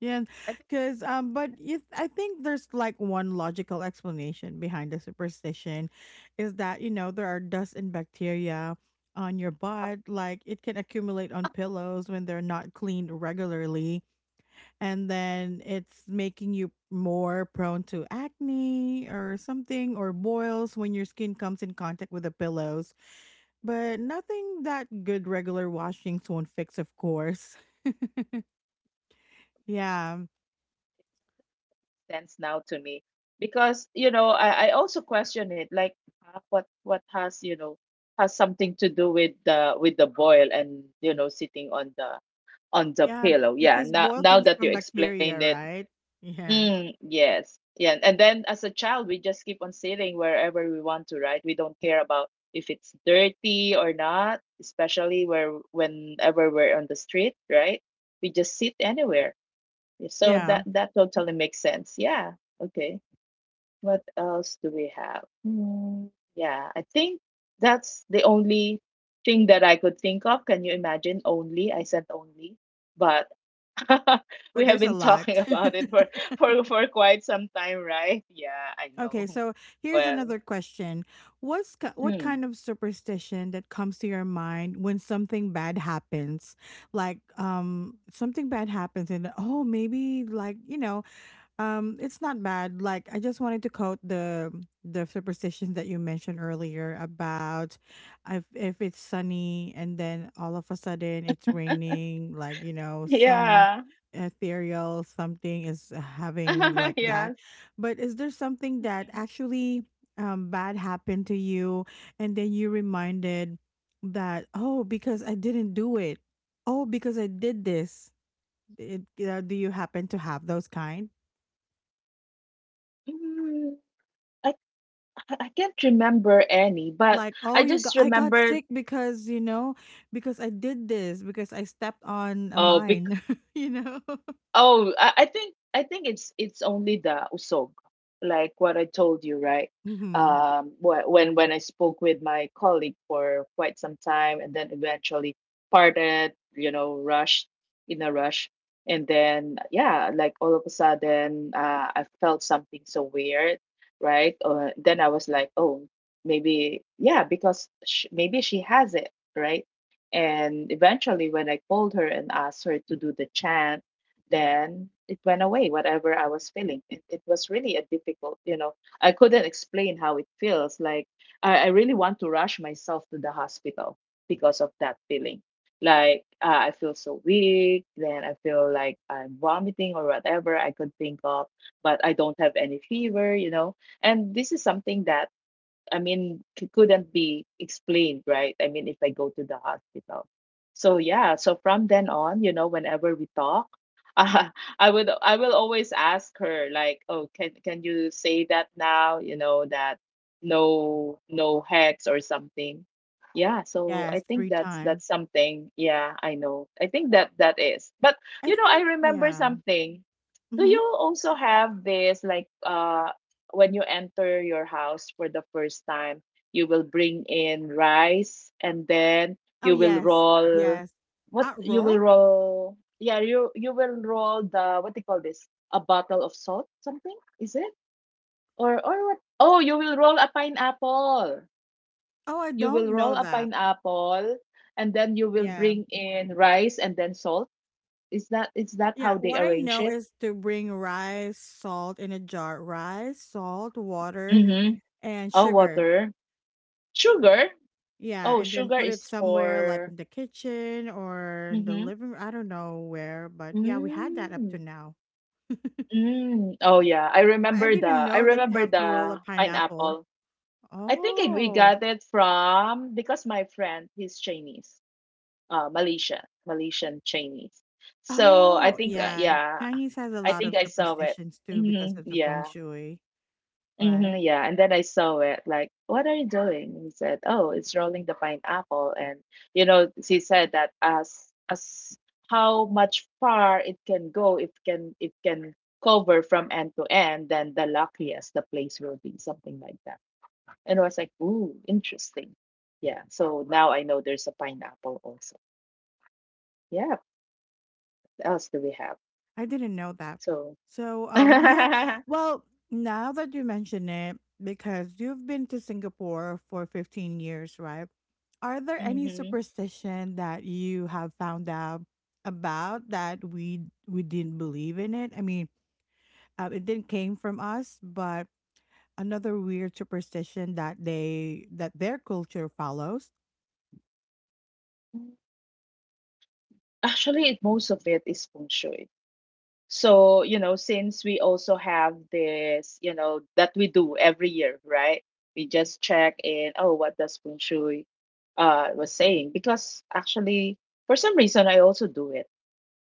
Speaker 1: Yeah,
Speaker 2: I think it
Speaker 1: because but if, I think there's like one logical explanation behind the superstition, is that you know there are dust and bacteria on your butt, like it can accumulate on pillows when they're not cleaned regularly, and then it's making you more prone to acne or something or boils when your skin comes in contact with the pillows. But nothing that good regular washings won't fix, of course. Yeah.
Speaker 2: stands now to me because you know I also question it like what has, you know, has something to do with the boil and you know sitting on the
Speaker 1: Yeah,
Speaker 2: pillow. Yeah,
Speaker 1: because boil
Speaker 2: now
Speaker 1: comes
Speaker 2: that you
Speaker 1: from
Speaker 2: explained
Speaker 1: bacteria,
Speaker 2: it,
Speaker 1: right? Yeah.
Speaker 2: mm, yes. Yeah. And then as a child, we just keep on sitting wherever we want to, right? We don't care about if it's dirty or not, especially where whenever we're on the street, right? We just sit anywhere. Yeah, so
Speaker 1: Yeah,
Speaker 2: that totally makes sense. Yeah. Okay. What else do we have? Hmm. Yeah, I think that's the only thing that I could think of. Can you imagine? Only. I said only. But we
Speaker 1: but
Speaker 2: have
Speaker 1: there's a
Speaker 2: been
Speaker 1: lot.
Speaker 2: talking about it for for for quite some time, right? Yeah, I know.
Speaker 1: Okay, so here's
Speaker 2: Well,
Speaker 1: another question. What's what
Speaker 2: hmm.
Speaker 1: kind of superstition that comes to your mind when something bad happens? Like something bad happens and oh maybe like, you know, it's not bad. Like I just wanted to quote the superstition that you mentioned earlier about if it's sunny and then all of a sudden it's raining, like you know, some
Speaker 2: Yeah.
Speaker 1: ethereal something is having like that.
Speaker 2: Yes.
Speaker 1: But is there something that actually bad happened to you and then you reminded that oh because I didn't do it. Oh because I did this. It, do you happen to have those kind?
Speaker 2: Mm, I I can't remember any, but
Speaker 1: Like oh
Speaker 2: I
Speaker 1: you got
Speaker 2: just
Speaker 1: I got
Speaker 2: remembered.
Speaker 1: sick because you know because I did this because I stepped on a
Speaker 2: Oh,
Speaker 1: mine you know.
Speaker 2: oh, I think I think it's only the usog, like what I told you, right?
Speaker 1: Hmm.
Speaker 2: When I spoke with my colleague for quite some time, and then eventually parted, you know, rushed in a rush, and then yeah, like all of a sudden, I felt something so weird, right? Then I was like, oh, maybe yeah, because sh maybe she has it, right? And eventually, when I called her and asked her to do the chant, then it went away. Whatever I was feeling, it was really a difficult, you know, I couldn't explain how it feels like. I really want to rush myself to the hospital because of that feeling. Like I feel so weak, then I feel like I'm vomiting or whatever I could think of, but I don't have any fever, you know. And this is something that I mean, couldn't be explained, right? I mean, if I go to the hospital. So yeah, so from then on, you know, whenever we talk, uh, I will always ask her like, "Oh, can you say that now, you know, that no no hex or something." Yeah, so I
Speaker 1: Yes,
Speaker 2: think
Speaker 1: three
Speaker 2: that's
Speaker 1: times,
Speaker 2: that's something. Yeah, I know. I think that that is. But
Speaker 1: I
Speaker 2: you know, I
Speaker 1: think.
Speaker 2: remember
Speaker 1: Yeah.
Speaker 2: something. Do
Speaker 1: Hmm.
Speaker 2: you also have this like when you enter your house for the first time, you will bring in rice, and then
Speaker 1: Oh
Speaker 2: you will
Speaker 1: yes.
Speaker 2: roll.
Speaker 1: Yes
Speaker 2: What
Speaker 1: at
Speaker 2: you will
Speaker 1: roll.
Speaker 2: roll? Yeah, you will roll the, what do you call this, a bottle of salt something, is it? Or what? Oh, you will roll a pineapple.
Speaker 1: Oh I
Speaker 2: You
Speaker 1: don't
Speaker 2: will roll
Speaker 1: know
Speaker 2: a
Speaker 1: that.
Speaker 2: pineapple and then you will
Speaker 1: Yeah,
Speaker 2: bring in rice and then salt. Is that, is that
Speaker 1: yeah,
Speaker 2: how they
Speaker 1: what I
Speaker 2: arrange
Speaker 1: know
Speaker 2: it?
Speaker 1: is to bring rice salt in a jar, rice salt water
Speaker 2: Mm-hmm.
Speaker 1: and
Speaker 2: Oh,
Speaker 1: sugar.
Speaker 2: water, sugar.
Speaker 1: Yeah,
Speaker 2: Oh,
Speaker 1: and then
Speaker 2: sugar
Speaker 1: put it
Speaker 2: is
Speaker 1: somewhere like
Speaker 2: for.
Speaker 1: in the kitchen or in the
Speaker 2: Mhm.
Speaker 1: living room. I don't know where, but yeah, we had that up to
Speaker 2: Mm.
Speaker 1: now.
Speaker 2: Mm. Oh yeah, I
Speaker 1: I
Speaker 2: remember
Speaker 1: didn't
Speaker 2: the, I
Speaker 1: know that you
Speaker 2: remember
Speaker 1: have to roll a
Speaker 2: the
Speaker 1: pineapple.
Speaker 2: pineapple. I think we
Speaker 1: Oh.
Speaker 2: got it from, because my friend he's Chinese, Malaysian, Malaysian Chinese. So I
Speaker 1: Oh,
Speaker 2: think
Speaker 1: yeah.
Speaker 2: yeah,
Speaker 1: Chinese has a
Speaker 2: I
Speaker 1: lot
Speaker 2: think
Speaker 1: of
Speaker 2: I saw it.
Speaker 1: superstitions too because
Speaker 2: Hmm.
Speaker 1: of the feng
Speaker 2: Yeah,
Speaker 1: shui, right?
Speaker 2: hmm, yeah, and then I saw it like, what are you doing? And he said, oh, it's rolling the pineapple, and you know, she said that as how much far it can go, if can it can cover from end to end, then the luckiest the place will be, something like that. And I was like, ooh, interesting. Yeah, so now I know there's a pineapple also. Yeah, what else do we have?
Speaker 1: I didn't know that.
Speaker 2: So,
Speaker 1: So, yeah. Well, now that you mention it, because you've been to Singapore for 15 years, right? Are there any
Speaker 2: hmm,
Speaker 1: superstition that you have found out about that we didn't believe in it? I mean, it didn't came from us, but another weird superstition that they that their culture follows.
Speaker 2: actually, most of it is feng shui. So, you know, since we also have this, you know, that we do every year, right? We just check in, oh, what does Feng Shui was saying? Because actually, for some reason I also do it.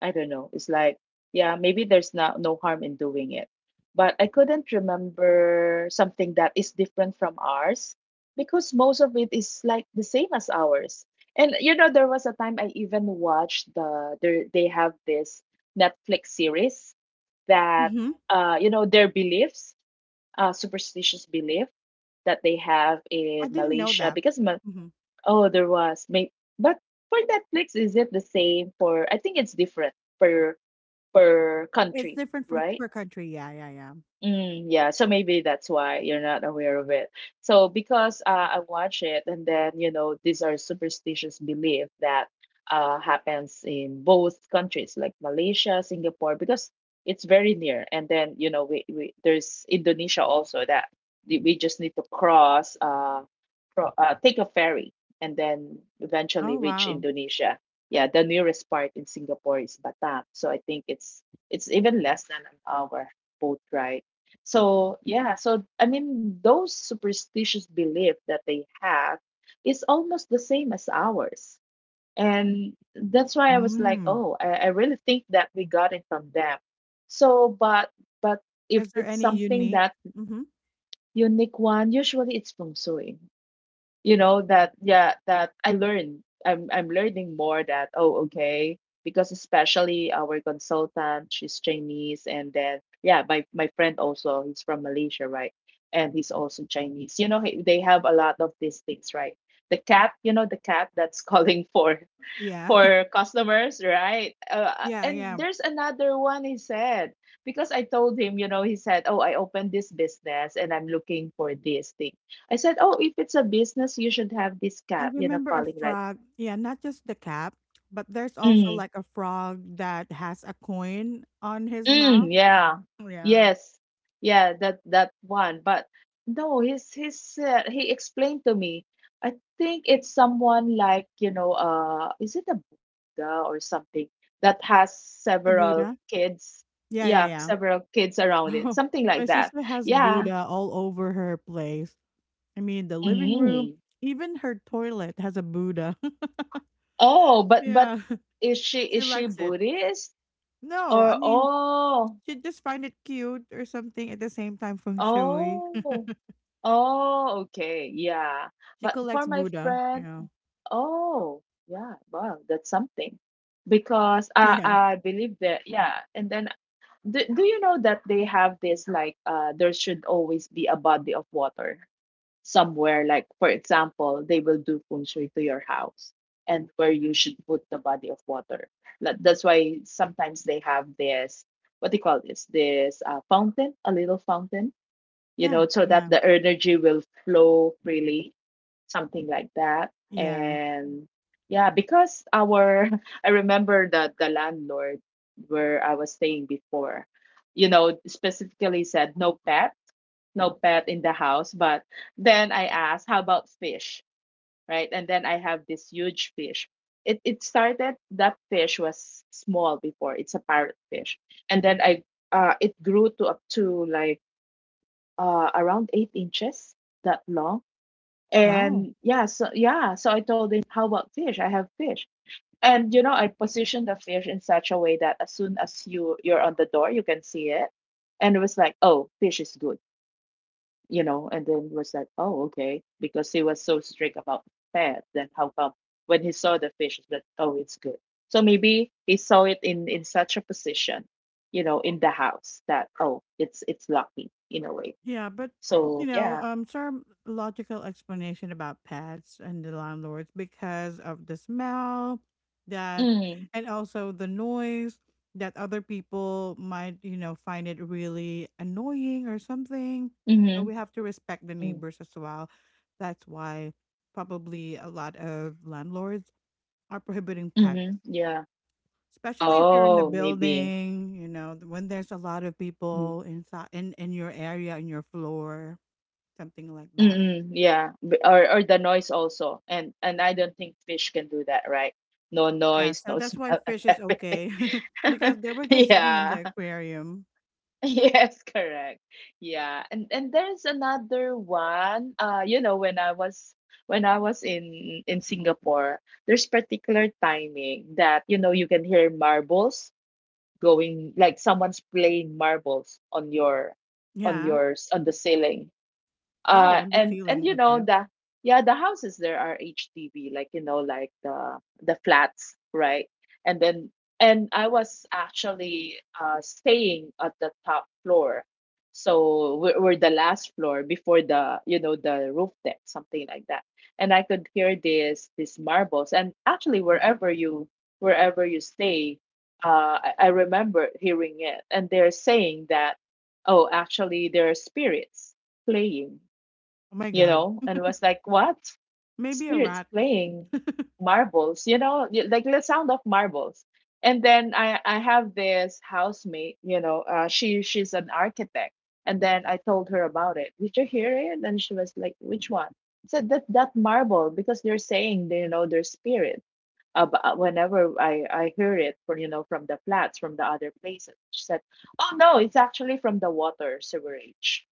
Speaker 2: I don't know. It's like, yeah, maybe there's not no harm in doing it. But I couldn't remember something that is different from ours because most of it is like the same as ours. And you know, there was a time I even watched the, there they have this Netflix series that
Speaker 1: Mm-hmm.
Speaker 2: you know, their beliefs, superstitious belief that they have in
Speaker 1: I didn't know
Speaker 2: Malaysia,
Speaker 1: that.
Speaker 2: because
Speaker 1: Hmm.
Speaker 2: oh there was may, but for Netflix is it the same for, I think it's different per per
Speaker 1: It's
Speaker 2: country,
Speaker 1: different from
Speaker 2: right?
Speaker 1: per country. Yeah, yeah, yeah.
Speaker 2: Mm, yeah, so maybe that's why you're not aware of it. So because I watch it, and then you know these are superstitious belief that happens in both countries, like Malaysia, Singapore, because it's very near. And then you know we there's Indonesia also that we just need to cross, cro take a ferry, and then
Speaker 1: Oh
Speaker 2: eventually reach
Speaker 1: wow.
Speaker 2: Indonesia. Yeah, the nearest part in Singapore is Batam, so I think it's even less than an hour boat ride. So, yeah, so I mean, those superstitious belief that they have is almost the same as ours. And that's why I was like,
Speaker 1: Mm.
Speaker 2: oh, I really think that we got it from them. So, but if
Speaker 1: Is there
Speaker 2: it's
Speaker 1: any
Speaker 2: something
Speaker 1: unique?
Speaker 2: that
Speaker 1: Mm-hmm.
Speaker 2: unique one, usually it's feng shui, you know that. Yeah, that I learned. I'm learning more that oh, okay, because especially our consultant she's Chinese, and then yeah, my friend also he's from Malaysia, right? And he's also Chinese, you know, they have a lot of these things, right? The cat, you know, the cat that's calling
Speaker 1: Yeah,
Speaker 2: for customers, right?
Speaker 1: yeah,
Speaker 2: And
Speaker 1: yeah.
Speaker 2: there's another one he said, because I told him, you know, he said, "Oh, I opened this business and I'm looking for this thing." I said, "Oh, if it's a business, you should have this
Speaker 1: I
Speaker 2: cap, you know,
Speaker 1: remember a
Speaker 2: calling right."
Speaker 1: frog. Yeah, not just the cap, but there's also like a frog that has a coin on his
Speaker 2: Mm,
Speaker 1: mouth.
Speaker 2: yeah.
Speaker 1: Yeah.
Speaker 2: Yes. Yeah, that that one. But no, he's he explained to me. I think it's someone like, you know, is it a Buddha or something that has
Speaker 1: A
Speaker 2: several
Speaker 1: Buddha.
Speaker 2: kids?
Speaker 1: Yeah, yeah,
Speaker 2: Yeah,
Speaker 1: yeah.
Speaker 2: several kids around it.
Speaker 1: Oh,
Speaker 2: Something
Speaker 1: my
Speaker 2: like that.
Speaker 1: sister has
Speaker 2: Yeah.
Speaker 1: Buddha all over her place. I mean, the living room,
Speaker 2: Mm.
Speaker 1: even her toilet has a Buddha.
Speaker 2: Oh, but
Speaker 1: yeah,
Speaker 2: is
Speaker 1: she
Speaker 2: she
Speaker 1: likes it.
Speaker 2: Buddhist
Speaker 1: No, I
Speaker 2: or
Speaker 1: mean, she just find it cute or something at the same time feng shui.
Speaker 2: oh oh, okay, yeah,
Speaker 1: She
Speaker 2: but for
Speaker 1: collects
Speaker 2: my
Speaker 1: Buddha,
Speaker 2: friend,
Speaker 1: yeah.
Speaker 2: oh yeah. Wow, that's something. Because I
Speaker 1: Yeah.
Speaker 2: I believe that, yeah, and then do, do you know that they have this like there should always be a body of water somewhere, like for example, they will do feng shui to your house and where you should put the body of water. Like, that's why sometimes they have this, what do you call this? This fountain, a little fountain, you
Speaker 1: Yeah,
Speaker 2: know, so that
Speaker 1: yeah,
Speaker 2: the energy will flow freely, something like that.
Speaker 1: yeah.
Speaker 2: And yeah, because our I remember that the landlord where I was staying before, you know, specifically said no pet, no pet in the house. But then I asked, how about fish? Right? And then I have this huge fish. It started that fish was small before. It's a parrot fish. And then I it grew to up to like around 8 inches, that long.
Speaker 1: Wow.
Speaker 2: And yeah, so yeah, so I told him, "How about fish? I have fish." And you know, I positioned the fish in such a way that as soon as you're on the door, you can see it. And it was like, "Oh, fish is good," you know. And then it was like, "Oh, okay," because he was so strict about pet. Then how come when he saw the fish, it's like, "Oh, it's good." So maybe he saw it in such a position, you know, in the house that oh, it's lucky in a way.
Speaker 1: Yeah, but you
Speaker 2: So
Speaker 1: know,
Speaker 2: yeah.
Speaker 1: some logical explanation about pets and the landlords because of the smell that,
Speaker 2: Mm,
Speaker 1: and also the noise that other people might, you know, find it really annoying or something. So
Speaker 2: mm-hmm.
Speaker 1: we have to respect the
Speaker 2: Mm,
Speaker 1: neighbors as well. That's why probably a lot of landlords are prohibiting
Speaker 2: mm-hmm.
Speaker 1: pets,
Speaker 2: Yeah.
Speaker 1: especially if you're in the
Speaker 2: Oh, maybe.
Speaker 1: building, you know, when there's a lot of
Speaker 2: Mhm.
Speaker 1: people inside in your area, in your floor, something like that.
Speaker 2: Mm-mm, yeah, or the noise also, and I don't think fish can do that, right? No
Speaker 1: Yeah,
Speaker 2: noise,
Speaker 1: so
Speaker 2: no
Speaker 1: that's why
Speaker 2: smell, and
Speaker 1: fish is
Speaker 2: everything.
Speaker 1: okay because they were just sitting in
Speaker 2: Yeah.
Speaker 1: the aquarium.
Speaker 2: Yes, correct. Yeah, and there's another one. You know, when I was in Singapore, there's particular timing that you know you can hear marbles going, like someone's playing marbles on your on
Speaker 1: Yeah.
Speaker 2: yours on the ceiling
Speaker 1: Oh, on the
Speaker 2: and
Speaker 1: ceiling.
Speaker 2: you
Speaker 1: Okay.
Speaker 2: know the yeah the houses there are HDB, like you know like the flats, right? And then, and I was actually staying at the top floor, so we're the last floor before the, you know, the roof deck, something like that. And I could hear this these marbles, and actually wherever you stay I remember hearing it, and they're saying that oh, actually there are spirits playing,
Speaker 1: Oh my
Speaker 2: you
Speaker 1: God.
Speaker 2: know, and was like, what?
Speaker 1: Maybe a
Speaker 2: Spirits
Speaker 1: rat.
Speaker 2: playing marbles, you know, like the sound of marbles. And then I have this housemate, you know, she she's an architect. And then I told her about it. Did you hear it? And she was like, which one? I said that that marble because they're saying they you know their spirit. Whenever I hear it from, you know, from the flats from the other places, she said, oh no, it's actually from the water sewerage.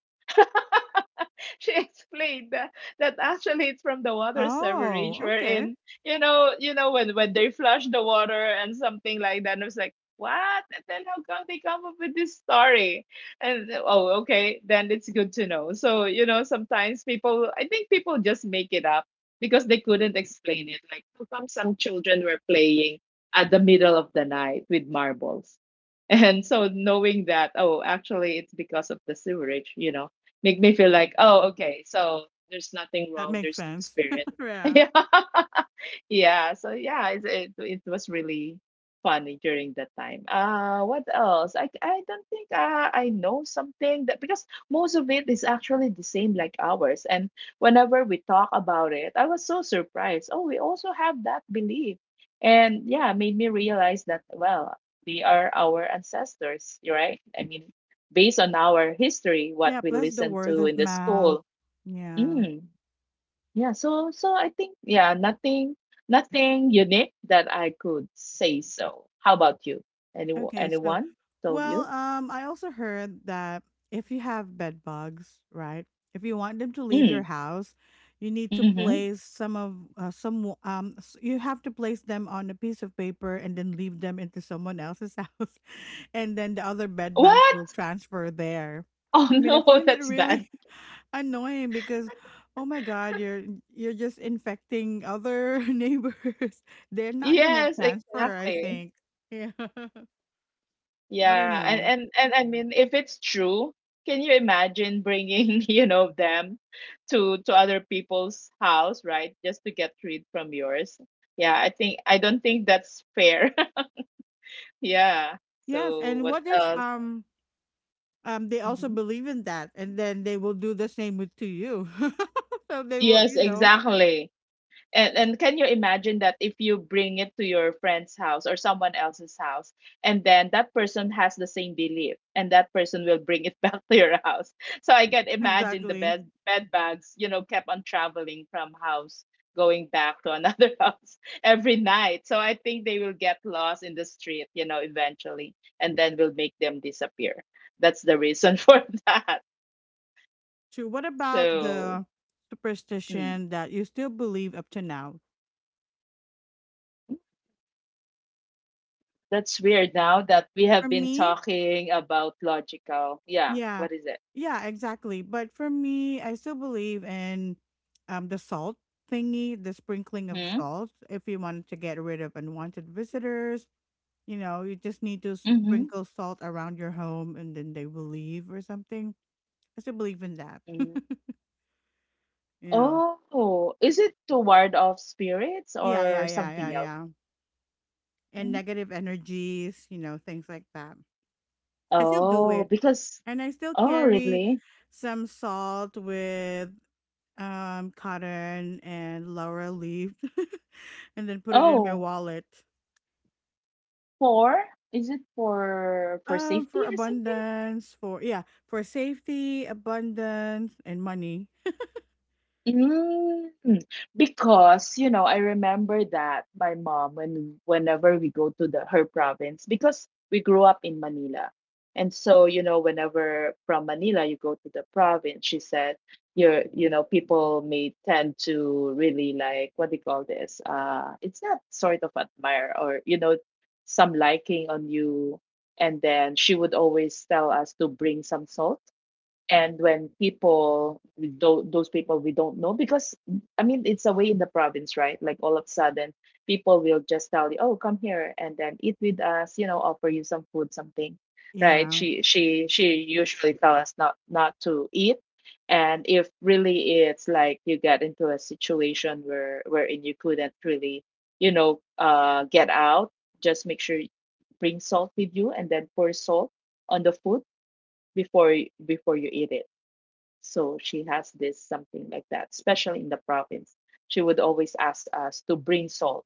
Speaker 2: She explained that, that actually it's from the water sewerage
Speaker 1: Oh, okay.
Speaker 2: wherein you know when they flush the water and something like that. And I was like, what? And then how come they come up with this story and oh, okay, then it's good to know. So you know, sometimes people, I think people just make it up because they couldn't explain it, like how come some children were playing at the middle of the night with marbles. And so knowing that, oh, actually it's because of the sewerage, make me feel like, oh, okay, so there's nothing
Speaker 1: That
Speaker 2: wrong,
Speaker 1: makes
Speaker 2: there's no
Speaker 1: sense.
Speaker 2: spirit.
Speaker 1: yeah.
Speaker 2: Yeah. Yeah, so yeah, it was really funny during that time. What else? I don't think I know something, that because most of it is actually the same like ours. And whenever we talk about it, I was so surprised. Oh, we also have that belief. And yeah, made me realize that well, they are our ancestors, right? I mean, based on our history, what
Speaker 1: Yeah.
Speaker 2: we
Speaker 1: Plus the
Speaker 2: listen
Speaker 1: word
Speaker 2: to in
Speaker 1: of
Speaker 2: the
Speaker 1: mouth.
Speaker 2: school.
Speaker 1: Yeah.
Speaker 2: Mm. Yeah, so I think yeah, nothing unique that I could say. So how about you? Any
Speaker 1: Okay, so
Speaker 2: anyone told
Speaker 1: well,
Speaker 2: you?
Speaker 1: I also heard that if you have bed bugs, right? If you want them to leave
Speaker 2: Mm,
Speaker 1: your house, you need to
Speaker 2: mm-hmm.
Speaker 1: place some of you have to place them on a piece of paper and then leave them into someone else's house, and then the other bed bugs will
Speaker 2: What?
Speaker 1: transfer there.
Speaker 2: Oh
Speaker 1: I mean, I
Speaker 2: no,
Speaker 1: find it
Speaker 2: that's bad.
Speaker 1: really annoying because, oh my God, you're just infecting other neighbors. They're not gonna
Speaker 2: Yes,
Speaker 1: transfer, I
Speaker 2: exactly.
Speaker 1: think. Yeah. I don't
Speaker 2: Yeah, and
Speaker 1: know.
Speaker 2: and and I mean, if it's true, can you imagine bringing, you know, them to other people's house, right? Just to get rid from yours. Yeah, I don't think that's fair. Yeah.
Speaker 1: Yes,
Speaker 2: So
Speaker 1: and
Speaker 2: what
Speaker 1: what if
Speaker 2: else?
Speaker 1: they also
Speaker 2: Mm-hmm.
Speaker 1: believe in that, and then they will do the same with to you. So they will,
Speaker 2: Yes,
Speaker 1: you know,
Speaker 2: exactly. And can you imagine that if you bring it to your friend's house or someone else's house, and then that person has the same belief, and that person will bring it back to your house. So I can imagine the
Speaker 1: exactly.
Speaker 2: bed bugs, you know, kept on traveling from house, going back to another house every night. So I think they will get lost in the street, you know, eventually, and then will make them disappear. That's the reason for that.
Speaker 1: True. What about
Speaker 2: So.
Speaker 1: the
Speaker 2: Mm.
Speaker 1: superstition that you still believe up to now?
Speaker 2: That's weird now that we have
Speaker 1: For
Speaker 2: been
Speaker 1: me,
Speaker 2: talking about logical. Yeah,
Speaker 1: yeah,
Speaker 2: what is it?
Speaker 1: yeah, exactly. But for me, I still believe in the salt thingy, the sprinkling of
Speaker 2: Hmm?
Speaker 1: salt if you wanted to get rid of unwanted visitors. You know, you just need to
Speaker 2: Mm-hmm.
Speaker 1: sprinkle salt around your home and then they will leave or something. I still believe in that.
Speaker 2: Mm.
Speaker 1: you know.
Speaker 2: Oh, is it to ward off spirits
Speaker 1: Yeah, yeah,
Speaker 2: or
Speaker 1: yeah, yeah,
Speaker 2: something else?
Speaker 1: yeah. And
Speaker 2: Mhm.
Speaker 1: negative energies, you know, things like that. I still do
Speaker 2: Oh,
Speaker 1: it.
Speaker 2: because
Speaker 1: And I still
Speaker 2: oh
Speaker 1: carry
Speaker 2: really?
Speaker 1: some salt with cotton and laurel leaf and then put it in my
Speaker 2: Oh,
Speaker 1: wallet.
Speaker 2: for is it for safety
Speaker 1: For
Speaker 2: or something?
Speaker 1: abundance, for yeah, for safety, abundance, and money.
Speaker 2: Mm, because you know, I remember that my mom when whenever we go to the her province because we grew up in Manila. And so, you know, whenever from Manila you go to the province, she said, you're, you know, people may tend to really like what do you call this? It's not sort of admire or, you know, some liking on you. And then she would always tell us to bring some salt, and when people those people we don't know, because I mean it's a way in the province, right? Like all of a sudden people will just tell you, oh come here and then eat with us, you know, offer you some food something, right?
Speaker 1: Yeah,
Speaker 2: She usually tell us not to eat, and if really it's like you get into a situation where wherein you couldn't really, you know, get out, just make sure you bring salt with you and then pour salt on the food before you eat it. So she has this something like that, especially in the province. She would always ask us to bring salt,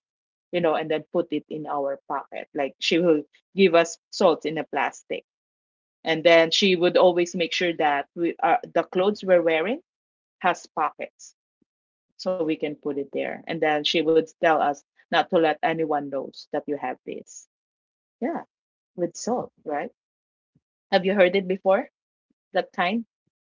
Speaker 2: you know, and then put it in our pocket. Like she will give us salt in a plastic. And then she would always make sure that we are, the clothes we're wearing has pockets so we can put it there. And then she would tell us not to let anyone knows that you have this. Yeah, with salt, right? Have you heard it before? That kind?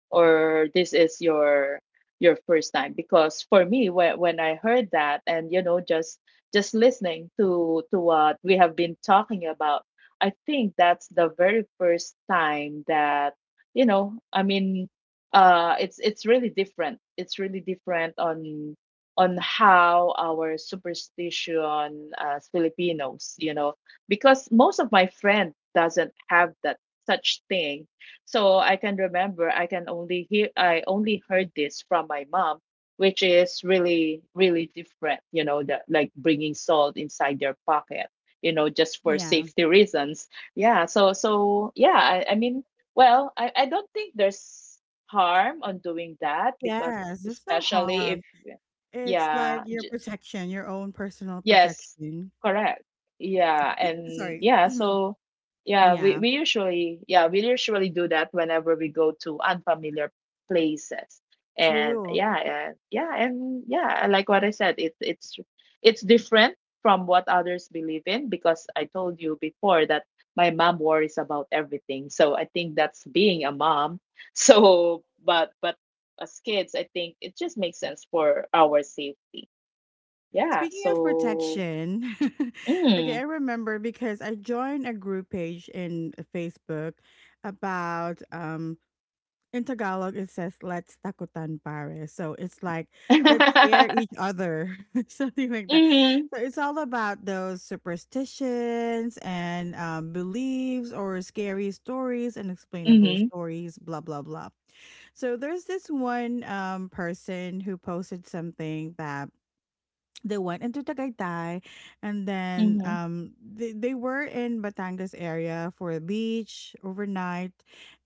Speaker 2: Or this is your first time? Because for me when I heard that, and you know, just listening to what we have been talking about, I think that's the very first time that, you know, I mean, it's really different, it's really different on how our superstition as Filipinos, you know, because most of my friend doesn't have that such thing. So I can remember I can only hear I only heard this from my mom, which is really different. You know, the, like bringing salt inside their pocket. You know, just for
Speaker 1: yeah.
Speaker 2: safety reasons. Yeah. So so yeah. I mean, well, I don't think there's harm on doing that, because
Speaker 1: Yes, there's no
Speaker 2: especially if
Speaker 1: harm. It's like
Speaker 2: yeah
Speaker 1: your protection, your own personal
Speaker 2: Yes,
Speaker 1: protection.
Speaker 2: correct. Yeah, and
Speaker 1: Sorry.
Speaker 2: yeah, so yeah, we
Speaker 1: Yeah,
Speaker 2: we usually yeah, we usually do that whenever we go to unfamiliar places. And
Speaker 1: true.
Speaker 2: yeah, and yeah, and yeah, like what I said, it it's different from what others believe in, because I told you before that my mom worries about everything. So I think that's being a mom. So but as kids, I think it just makes sense for our safety. Yeah,
Speaker 1: Speaking of
Speaker 2: so
Speaker 1: protection, okay,
Speaker 2: Mm.
Speaker 1: I remember because I joined a group page in Facebook about in Tagalog, it says "Let's takutan pare," so it's like let's scare each other, something like that.
Speaker 2: Mhm.
Speaker 1: So it's all about those superstitions and beliefs or scary stories, unexplainable
Speaker 2: Mhm.
Speaker 1: stories, blah blah blah. So there's this one person who posted something that they went into Tagaytay, and then
Speaker 2: Mhm.
Speaker 1: they were in Batangas area for a beach overnight,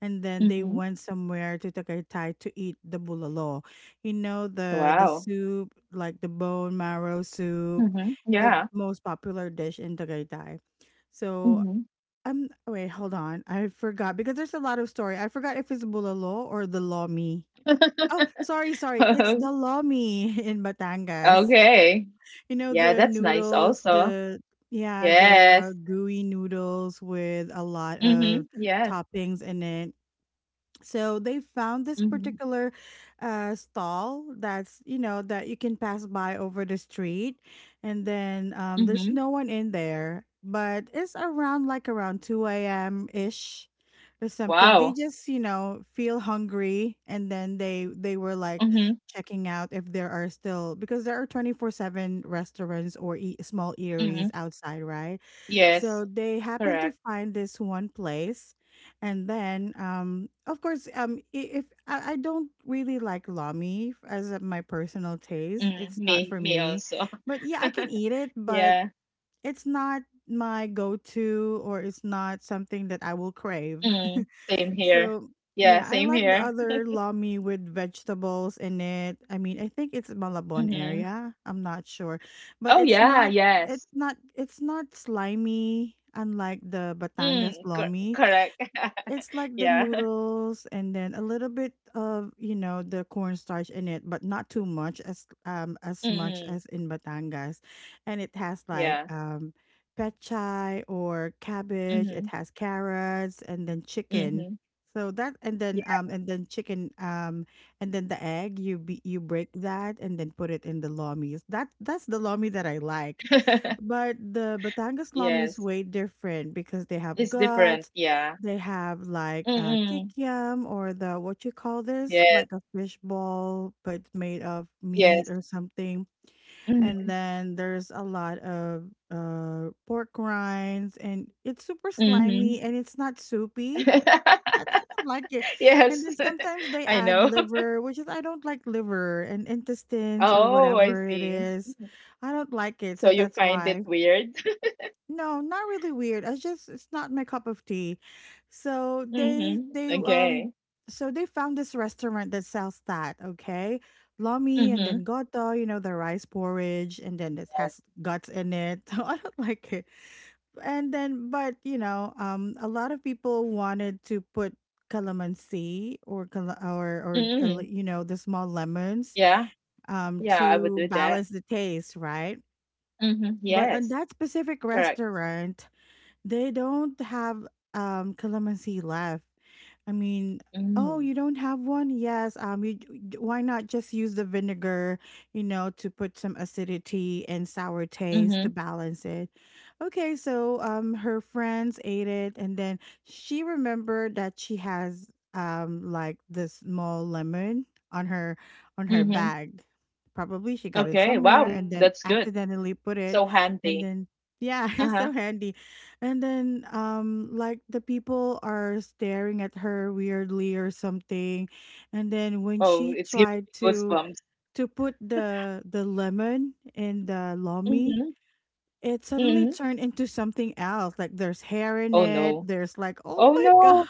Speaker 1: and then they
Speaker 2: Mhm.
Speaker 1: went somewhere to Tagaytay to eat the bulalo. You know the
Speaker 2: Wow.
Speaker 1: soup, like the bone marrow soup,
Speaker 2: Mhm.
Speaker 1: the
Speaker 2: Yeah.
Speaker 1: most popular dish in Tagaytay. So
Speaker 2: Mhm.
Speaker 1: wait, hold on, I forgot because there's a lot of story. I forgot if it's bulalo or the lomi. Oh, sorry, sorry. It's the lomi in Batangas.
Speaker 2: Okay.
Speaker 1: You know
Speaker 2: Yeah,
Speaker 1: the
Speaker 2: that's nice
Speaker 1: noodles,
Speaker 2: also.
Speaker 1: the yeah,
Speaker 2: Yes.
Speaker 1: the gooey noodles with a lot of
Speaker 2: Mhm. Yes.
Speaker 1: toppings in it. So they found this
Speaker 2: Mhm.
Speaker 1: particular stall that's you know that you can pass by over the street, and then there's
Speaker 2: Mhm.
Speaker 1: no one in there, but it's around two a.m. ish or something. They
Speaker 2: Wow.
Speaker 1: just you know feel hungry, and then they were like
Speaker 2: Mhm.
Speaker 1: checking out if there are still because there are 24/7 restaurants or small eateries
Speaker 2: Mhm.
Speaker 1: outside, right? So
Speaker 2: Yes.
Speaker 1: they happened to
Speaker 2: Correct.
Speaker 1: find this one place and then, of course, if I don't really like lomi as my personal taste,
Speaker 2: Mm.
Speaker 1: it's not
Speaker 2: Me.
Speaker 1: for
Speaker 2: Me
Speaker 1: me.
Speaker 2: also.
Speaker 1: But yeah, I can eat it, but
Speaker 2: Yeah.
Speaker 1: it's not my go-to, or it's not something that I will crave.
Speaker 2: Mm. Same here.
Speaker 1: So
Speaker 2: Yeah,
Speaker 1: yeah, I
Speaker 2: same
Speaker 1: like the
Speaker 2: here.
Speaker 1: other lomi with vegetables in it. I mean, I think it's Malabon
Speaker 2: Mhm.
Speaker 1: area. I'm not sure, but
Speaker 2: Oh
Speaker 1: it's
Speaker 2: yeah,
Speaker 1: not. It's
Speaker 2: yes.
Speaker 1: not. It's not slimy, unlike the Batangas
Speaker 2: Mm. Cor
Speaker 1: lomi.
Speaker 2: correct.
Speaker 1: It's like the
Speaker 2: Yeah.
Speaker 1: noodles and then a little bit of, you know, the cornstarch in it, but not too much as much as
Speaker 2: Mm,
Speaker 1: in Batangas. And it has like
Speaker 2: yeah.
Speaker 1: pechay or cabbage, it
Speaker 2: Mhm,
Speaker 1: has carrots and then chicken.
Speaker 2: mhm.
Speaker 1: So that and then
Speaker 2: Yeah.
Speaker 1: chicken and then the egg you you break that and then put it in the lomis. That's the lomi that I like. But the Batangas lomi is
Speaker 2: Yes.
Speaker 1: way different because they have
Speaker 2: It's different,
Speaker 1: guts.
Speaker 2: yeah.
Speaker 1: They have like a
Speaker 2: Mm.
Speaker 1: kikiam or the, what you call this,
Speaker 2: Yes,
Speaker 1: like a fish ball, but made of meat
Speaker 2: yes.
Speaker 1: or something. And
Speaker 2: Mhm,
Speaker 1: then there's a lot of pork rinds, and it's super
Speaker 2: mhm.
Speaker 1: slimy and it's not soupy. I don't like it. And
Speaker 2: Yes.
Speaker 1: then sometimes they
Speaker 2: I
Speaker 1: add
Speaker 2: know.
Speaker 1: liver, which is, I don't like liver and intestines or
Speaker 2: Oh, I
Speaker 1: whatever it
Speaker 2: see.
Speaker 1: is. I don't like it,
Speaker 2: So
Speaker 1: so
Speaker 2: you
Speaker 1: that's
Speaker 2: find it
Speaker 1: why.
Speaker 2: weird?
Speaker 1: No, not really weird. I just, it's not my cup of tea. So they
Speaker 2: Mhm.
Speaker 1: they um
Speaker 2: Okay.
Speaker 1: so they found this restaurant that sells that, okay? Lomi and then
Speaker 2: Mhm.
Speaker 1: goto, you know, the rice porridge, and then it
Speaker 2: Yes.
Speaker 1: has guts in it. So I don't like it. And then, but a lot of people wanted to put calamansi or cala- or le-
Speaker 2: Mm.
Speaker 1: you know, the small lemons
Speaker 2: Yeah. Yeah, I would
Speaker 1: to
Speaker 2: do that.
Speaker 1: balance the taste, right?
Speaker 2: Mhm.
Speaker 1: But on
Speaker 2: Yes.
Speaker 1: that specific
Speaker 2: Correct.
Speaker 1: restaurant they don't have calamansi left. I mean, oh, you
Speaker 2: Mm.
Speaker 1: don't have one? Yes. Why not just use the vinegar, you know, to put some acidity and sour taste to
Speaker 2: Mhm.
Speaker 1: balance it. Okay, so her friends ate it, and then she remembered that she has like this small lemon on her on her
Speaker 2: Mhm.
Speaker 1: bag. Probably she got it
Speaker 2: Okay.
Speaker 1: somewhere
Speaker 2: Wow,
Speaker 1: and
Speaker 2: that's
Speaker 1: then
Speaker 2: good.
Speaker 1: accidentally put
Speaker 2: So
Speaker 1: it,
Speaker 2: handy.
Speaker 1: and then yeah,
Speaker 2: Uh-huh.
Speaker 1: it's so handy. And then, like, the people are staring at her weirdly or something. And then when
Speaker 2: Oh,
Speaker 1: she
Speaker 2: it's giving
Speaker 1: tried
Speaker 2: me
Speaker 1: to
Speaker 2: goosebumps.
Speaker 1: to put the lemon in the lomi,
Speaker 2: Mhm,
Speaker 1: it suddenly
Speaker 2: mhm.
Speaker 1: turned into something else. Like there's hair in
Speaker 2: Oh,
Speaker 1: it.
Speaker 2: no.
Speaker 1: There's like, oh
Speaker 2: Oh,
Speaker 1: my
Speaker 2: no.
Speaker 1: god.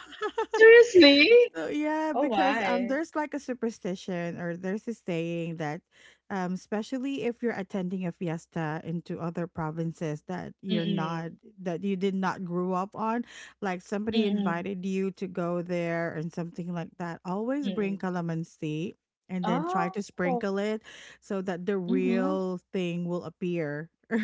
Speaker 2: Seriously?
Speaker 1: So yeah,
Speaker 2: Oh,
Speaker 1: because
Speaker 2: my.
Speaker 1: there's like a superstition or there's a saying that especially if you're attending a fiesta into other provinces that
Speaker 2: Mm-mm.
Speaker 1: you did not grow up on, like somebody
Speaker 2: Mm-mm.
Speaker 1: invited you to go there and something like that, always bring
Speaker 2: Mm-mm.
Speaker 1: calamansi and then try to
Speaker 2: Oh.
Speaker 1: sprinkle it so that the
Speaker 2: Mm-hmm.
Speaker 1: real thing will appear.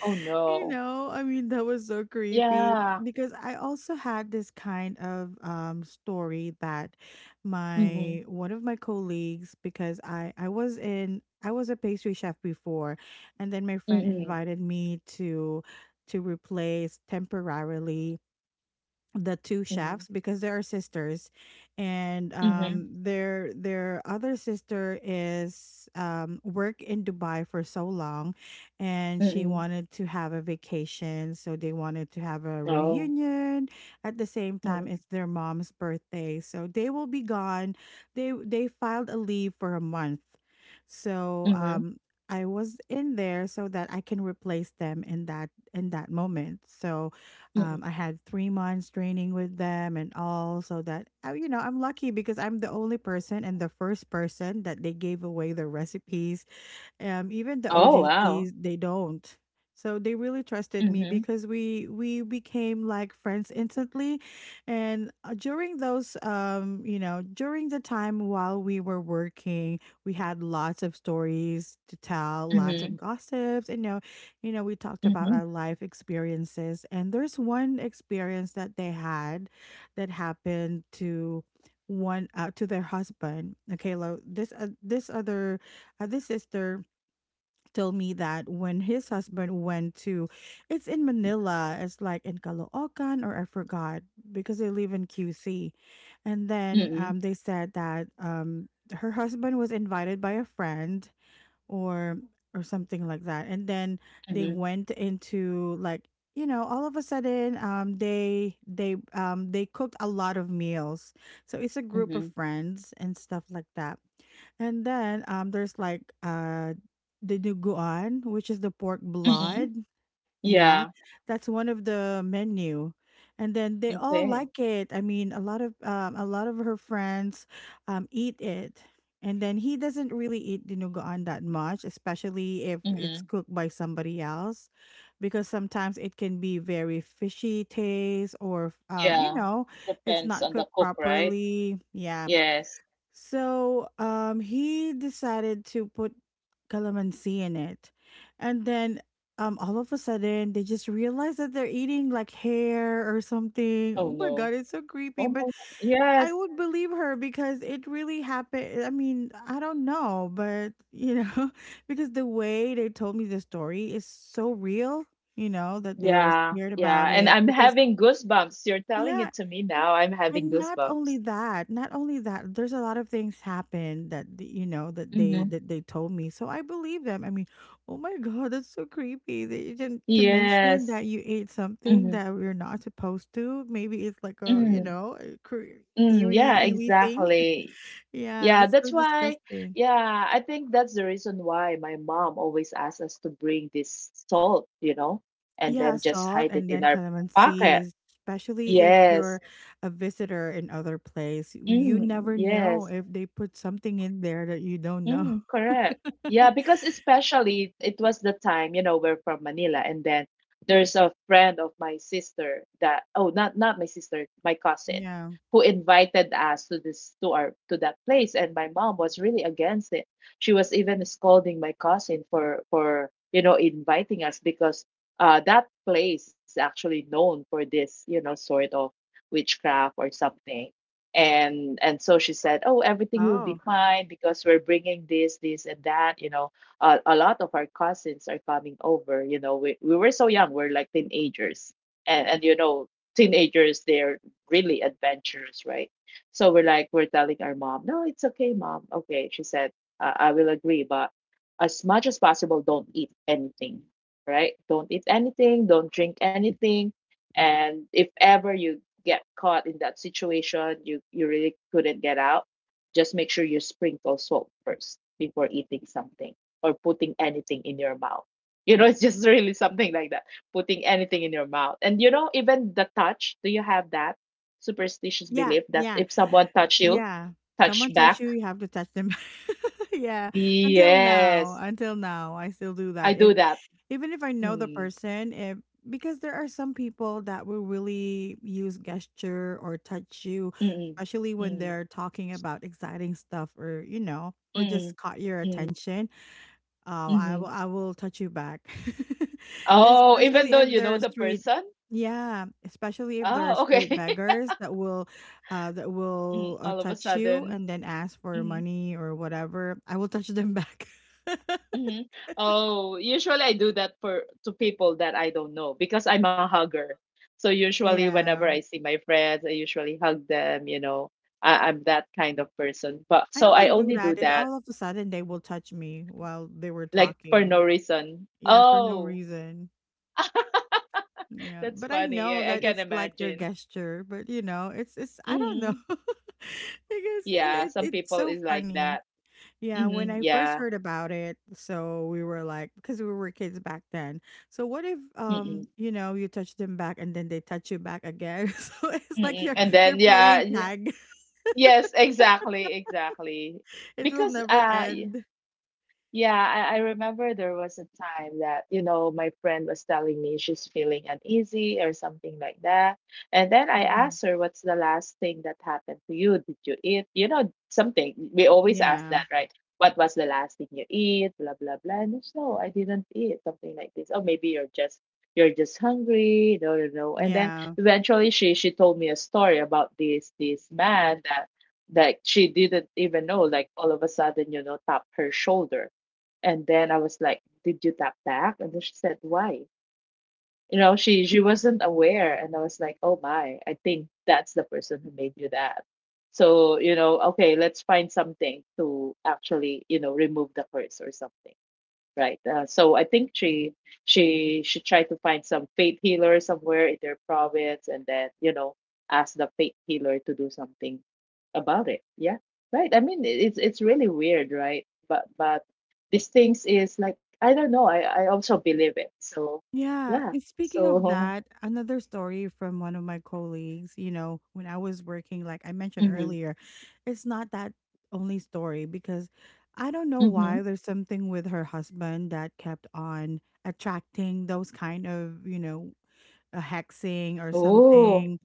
Speaker 2: Oh, no.
Speaker 1: That was so creepy
Speaker 2: Yeah.
Speaker 1: because I also had this kind of story that
Speaker 2: Mm-hmm.
Speaker 1: my one of my colleagues, because I was a pastry chef before, and then my friend
Speaker 2: Mm-mm.
Speaker 1: invited me to replace temporarily the two
Speaker 2: Mm-hmm.
Speaker 1: chefs because they are sisters. And
Speaker 2: Mm-hmm.
Speaker 1: their other sister is worked in Dubai for so long, and she
Speaker 2: Mm-mm.
Speaker 1: wanted to have a vacation, so they wanted to have a
Speaker 2: Oh.
Speaker 1: reunion. At the same time, it's
Speaker 2: Mm-mm.
Speaker 1: their mom's birthday, so they will be gone. They filed a leave for a month. So
Speaker 2: Mm-hmm.
Speaker 1: I was in there so that I can replace them in that moment. So I
Speaker 2: Mm-mm.
Speaker 1: had 3 months training with them and all, so that I'm lucky because I'm the only person and the first person that they gave away the recipes, even the
Speaker 2: Oh, wow.
Speaker 1: OJTs, they don't. So they really trusted me
Speaker 2: Mm-hmm.
Speaker 1: because we became like friends instantly, and during those you know during the time while we were working, we had lots of stories to tell, lots
Speaker 2: Mm-hmm.
Speaker 1: of gossips, and we talked about
Speaker 2: Mm-hmm.
Speaker 1: our life experiences. And there's one experience that they had that happened to one to their husband. Okay, this, this other this sister told me that when his husband went to, it's in Manila, it's like in Caloocan, or I forgot because they live in QC. And then
Speaker 2: Mm-mm.
Speaker 1: they said that, her husband was invited by a friend or or something like that, and then they
Speaker 2: Mm-hmm.
Speaker 1: went into, like, all of a sudden they cooked a lot of meals. So it's a group of
Speaker 2: Mm-hmm.
Speaker 1: friends and stuff like that. And then there's like the duguan, which is the pork
Speaker 2: Mm-hmm.
Speaker 1: blood, yeah,
Speaker 2: Yeah.
Speaker 1: that's one of the menu. And then they all
Speaker 2: Okay.
Speaker 1: like it. I mean, a lot of her friends eat it. And then he doesn't really eat dinuguan that much, especially if it's
Speaker 2: Mm-hmm.
Speaker 1: cooked by somebody else, because sometimes it can be very fishy taste, or
Speaker 2: Yeah.
Speaker 1: it's
Speaker 2: Depends
Speaker 1: not
Speaker 2: on the
Speaker 1: cooked
Speaker 2: cook, right?
Speaker 1: properly. Yeah.
Speaker 2: Yes.
Speaker 1: So he decided to put calamansi in it. And then all of a sudden they just realized that they're eating like hair or something.
Speaker 2: Oh
Speaker 1: Oh my
Speaker 2: no.
Speaker 1: god, it's so creepy.
Speaker 2: Oh my
Speaker 1: But
Speaker 2: g
Speaker 1: I
Speaker 2: Yes.
Speaker 1: would believe her because it really happened. I mean, I don't know, but because the way they told me the story is so real, that they were
Speaker 2: Yeah.
Speaker 1: scared
Speaker 2: Yeah.
Speaker 1: about
Speaker 2: And
Speaker 1: it,
Speaker 2: I'm
Speaker 1: because
Speaker 2: having goosebumps. You're telling
Speaker 1: yeah,
Speaker 2: it to me now. I'm having
Speaker 1: and not only
Speaker 2: goosebumps.
Speaker 1: that, not only that, there's a lot of things happen that th- you know
Speaker 2: Mm-hmm.
Speaker 1: that they told me, so I believe them. I mean, oh my god, that's so creepy. That you didn't to mention
Speaker 2: Yes.
Speaker 1: that you ate something
Speaker 2: Mm-hmm.
Speaker 1: that you're not supposed to. Maybe it's like a you
Speaker 2: Mm.
Speaker 1: know a cre-
Speaker 2: Mm. Yeah,
Speaker 1: eerie, eerie thing.
Speaker 2: exactly.
Speaker 1: Yeah,
Speaker 2: Yeah,
Speaker 1: it's so
Speaker 2: that's why.
Speaker 1: disgusting.
Speaker 2: Yeah, I think that's the reason why my mom always asks us to bring this salt, you know, and
Speaker 1: Yeah,
Speaker 2: then just
Speaker 1: salt
Speaker 2: hide it
Speaker 1: and
Speaker 2: in
Speaker 1: then
Speaker 2: our
Speaker 1: calamansi
Speaker 2: pocket.
Speaker 1: is. Especially if
Speaker 2: Yes.
Speaker 1: you're a visitor in other place, you
Speaker 2: Mm,
Speaker 1: never know
Speaker 2: yes.
Speaker 1: if they put something in there that you don't know.
Speaker 2: Mm, correct. Yeah, because especially it was the time, you know, we're from Manila, and then there's a friend of my sister that oh not my sister, my cousin,
Speaker 1: Yeah.
Speaker 2: who invited us to this to our to that place, and my mom was really against it. She was even scolding my cousin for you know inviting us, because that place is actually known for this, you know, sort of witchcraft or something. And so she said oh everything will be
Speaker 1: Oh,
Speaker 2: fine because we're bringing this this and that, you know, a lot of our cousins are coming over, you know, we were so young, we're like teenagers, and you know teenagers they're really adventurous, right? So we're like we're telling our mom no it's okay mom, okay she said, I will agree, but as much as possible don't eat anything. Right? Don't eat anything, don't drink anything. And if ever you get caught in that situation, you really couldn't get out, just make sure you sprinkle salt first before eating something or putting anything in your mouth. You know, it's just really something like that, putting anything in your mouth. And you know, even the touch, do you have that superstitious
Speaker 1: yeah,
Speaker 2: belief that
Speaker 1: yeah,
Speaker 2: if someone touch you,
Speaker 1: yeah. Someone
Speaker 2: touch
Speaker 1: touch
Speaker 2: back?
Speaker 1: you, you have to touch them. Yeah.
Speaker 2: Yes,
Speaker 1: Until now, I still do
Speaker 2: I
Speaker 1: that. If
Speaker 2: do that.
Speaker 1: even if I know the
Speaker 2: Mm,
Speaker 1: person, if, because there are some people that will really use gesture or touch you,
Speaker 2: mm,
Speaker 1: especially when
Speaker 2: mm,
Speaker 1: they're talking about exciting stuff, or or
Speaker 2: mm,
Speaker 1: just caught your
Speaker 2: mm,
Speaker 1: attention. Oh,
Speaker 2: mm,
Speaker 1: I will
Speaker 2: mm.
Speaker 1: I will touch you back.
Speaker 2: Oh, even
Speaker 1: Especially
Speaker 2: though
Speaker 1: if
Speaker 2: you
Speaker 1: there
Speaker 2: know
Speaker 1: are
Speaker 2: the
Speaker 1: street
Speaker 2: person?
Speaker 1: Yeah, especially if there are
Speaker 2: Oh,
Speaker 1: street
Speaker 2: okay.
Speaker 1: beggars that will uh that will
Speaker 2: Mhm.
Speaker 1: uh,
Speaker 2: All of a
Speaker 1: touch you
Speaker 2: sudden.
Speaker 1: and then ask for
Speaker 2: Hmm.
Speaker 1: money or whatever. I will touch them back.
Speaker 2: Hmm. Oh, usually I do that for to people that I don't know because I'm a hugger. So usually whenever I
Speaker 1: Yeah.
Speaker 2: see my friends, I usually hug them, you know. I'm that kind of person. But
Speaker 1: I
Speaker 2: so
Speaker 1: only
Speaker 2: I
Speaker 1: do
Speaker 2: only do
Speaker 1: that if
Speaker 2: that
Speaker 1: all of a sudden they will touch me while they were
Speaker 2: like for
Speaker 1: talking.
Speaker 2: no reason.
Speaker 1: Yeah, for no
Speaker 2: Oh,
Speaker 1: reason. Yeah.
Speaker 2: that's
Speaker 1: But I
Speaker 2: funny.
Speaker 1: know
Speaker 2: I
Speaker 1: that
Speaker 2: can
Speaker 1: it's like their
Speaker 2: imagine.
Speaker 1: gesture, but it's I don't know.
Speaker 2: Hmm.
Speaker 1: because
Speaker 2: Yeah,
Speaker 1: it,
Speaker 2: some
Speaker 1: it's
Speaker 2: people
Speaker 1: so
Speaker 2: is like
Speaker 1: funny.
Speaker 2: that.
Speaker 1: Yeah, when
Speaker 2: Hmm.
Speaker 1: I first
Speaker 2: Yeah.
Speaker 1: heard about it, so we were like, because we were kids back then. So what if,
Speaker 2: Mm-mm.
Speaker 1: you touch them back and then they touch you back again? So it's like
Speaker 2: Mm-mm.
Speaker 1: you're
Speaker 2: And then
Speaker 1: you're
Speaker 2: yeah,
Speaker 1: playing
Speaker 2: y-
Speaker 1: tag.
Speaker 2: yes, exactly
Speaker 1: It will
Speaker 2: because
Speaker 1: never
Speaker 2: y-
Speaker 1: end.
Speaker 2: Yeah, I remember there was a time that, you know, my friend was telling me she's feeling uneasy or something like that. And then I
Speaker 1: Mhm.
Speaker 2: asked her, what's the last thing that happened to you? Did you eat? You know, something. We always ask
Speaker 1: Yeah,
Speaker 2: that, right? What was the last thing you eat? Blah blah blah. And it's, no, I didn't eat, something like this. Oh, maybe you're just hungry. No, no, no. And then
Speaker 1: yeah.
Speaker 2: eventually she told me a story about this this man that that she didn't even know, like all of a sudden, you know, tapped her shoulder, and then I was like, "Did you tap back?" And then she said, "Why?" You know, she wasn't aware, and I was like, "Oh my, I think that's the person who made you that." So you know, okay, let's find something to actually you know remove the curse or something, right? So I think she should try to find some faith healer somewhere in their province, and then you know ask the faith healer to do something about it. Yeah, right. I mean, it- it's really weird, right? But these things is like I don't know. I also believe it. So
Speaker 1: Yeah,
Speaker 2: yeah.
Speaker 1: and speaking of
Speaker 2: So
Speaker 1: that, another story from one of my colleagues, when I was working, like I mentioned
Speaker 2: mm-hmm,
Speaker 1: earlier, it's not that only story, because I don't know
Speaker 2: mm-hmm.
Speaker 1: why there's something with her husband that kept on attracting those kind of, a hexing or
Speaker 2: Oh
Speaker 1: something.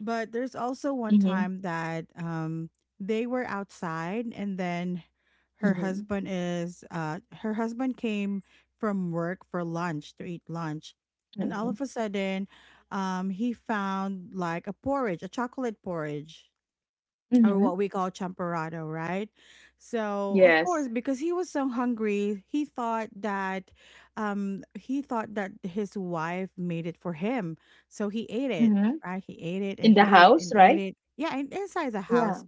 Speaker 1: But there's also one
Speaker 2: mm-hmm,
Speaker 1: time that they were outside, and then
Speaker 2: mm-hmm,
Speaker 1: her husband came from work for lunch to eat lunch. And all
Speaker 2: mm-hmm,
Speaker 1: of a sudden, he found like a porridge, a chocolate porridge, or
Speaker 2: mm-hmm.
Speaker 1: what we call champorado, right? So of course,
Speaker 2: Yes
Speaker 1: because he was so hungry, he thought that his wife made it for him. So he ate it,
Speaker 2: mm-hmm.
Speaker 1: right? He ate it and
Speaker 2: In the
Speaker 1: ate it
Speaker 2: house,
Speaker 1: and ate
Speaker 2: right?
Speaker 1: it. Yeah, and inside the
Speaker 2: Yeah.
Speaker 1: house.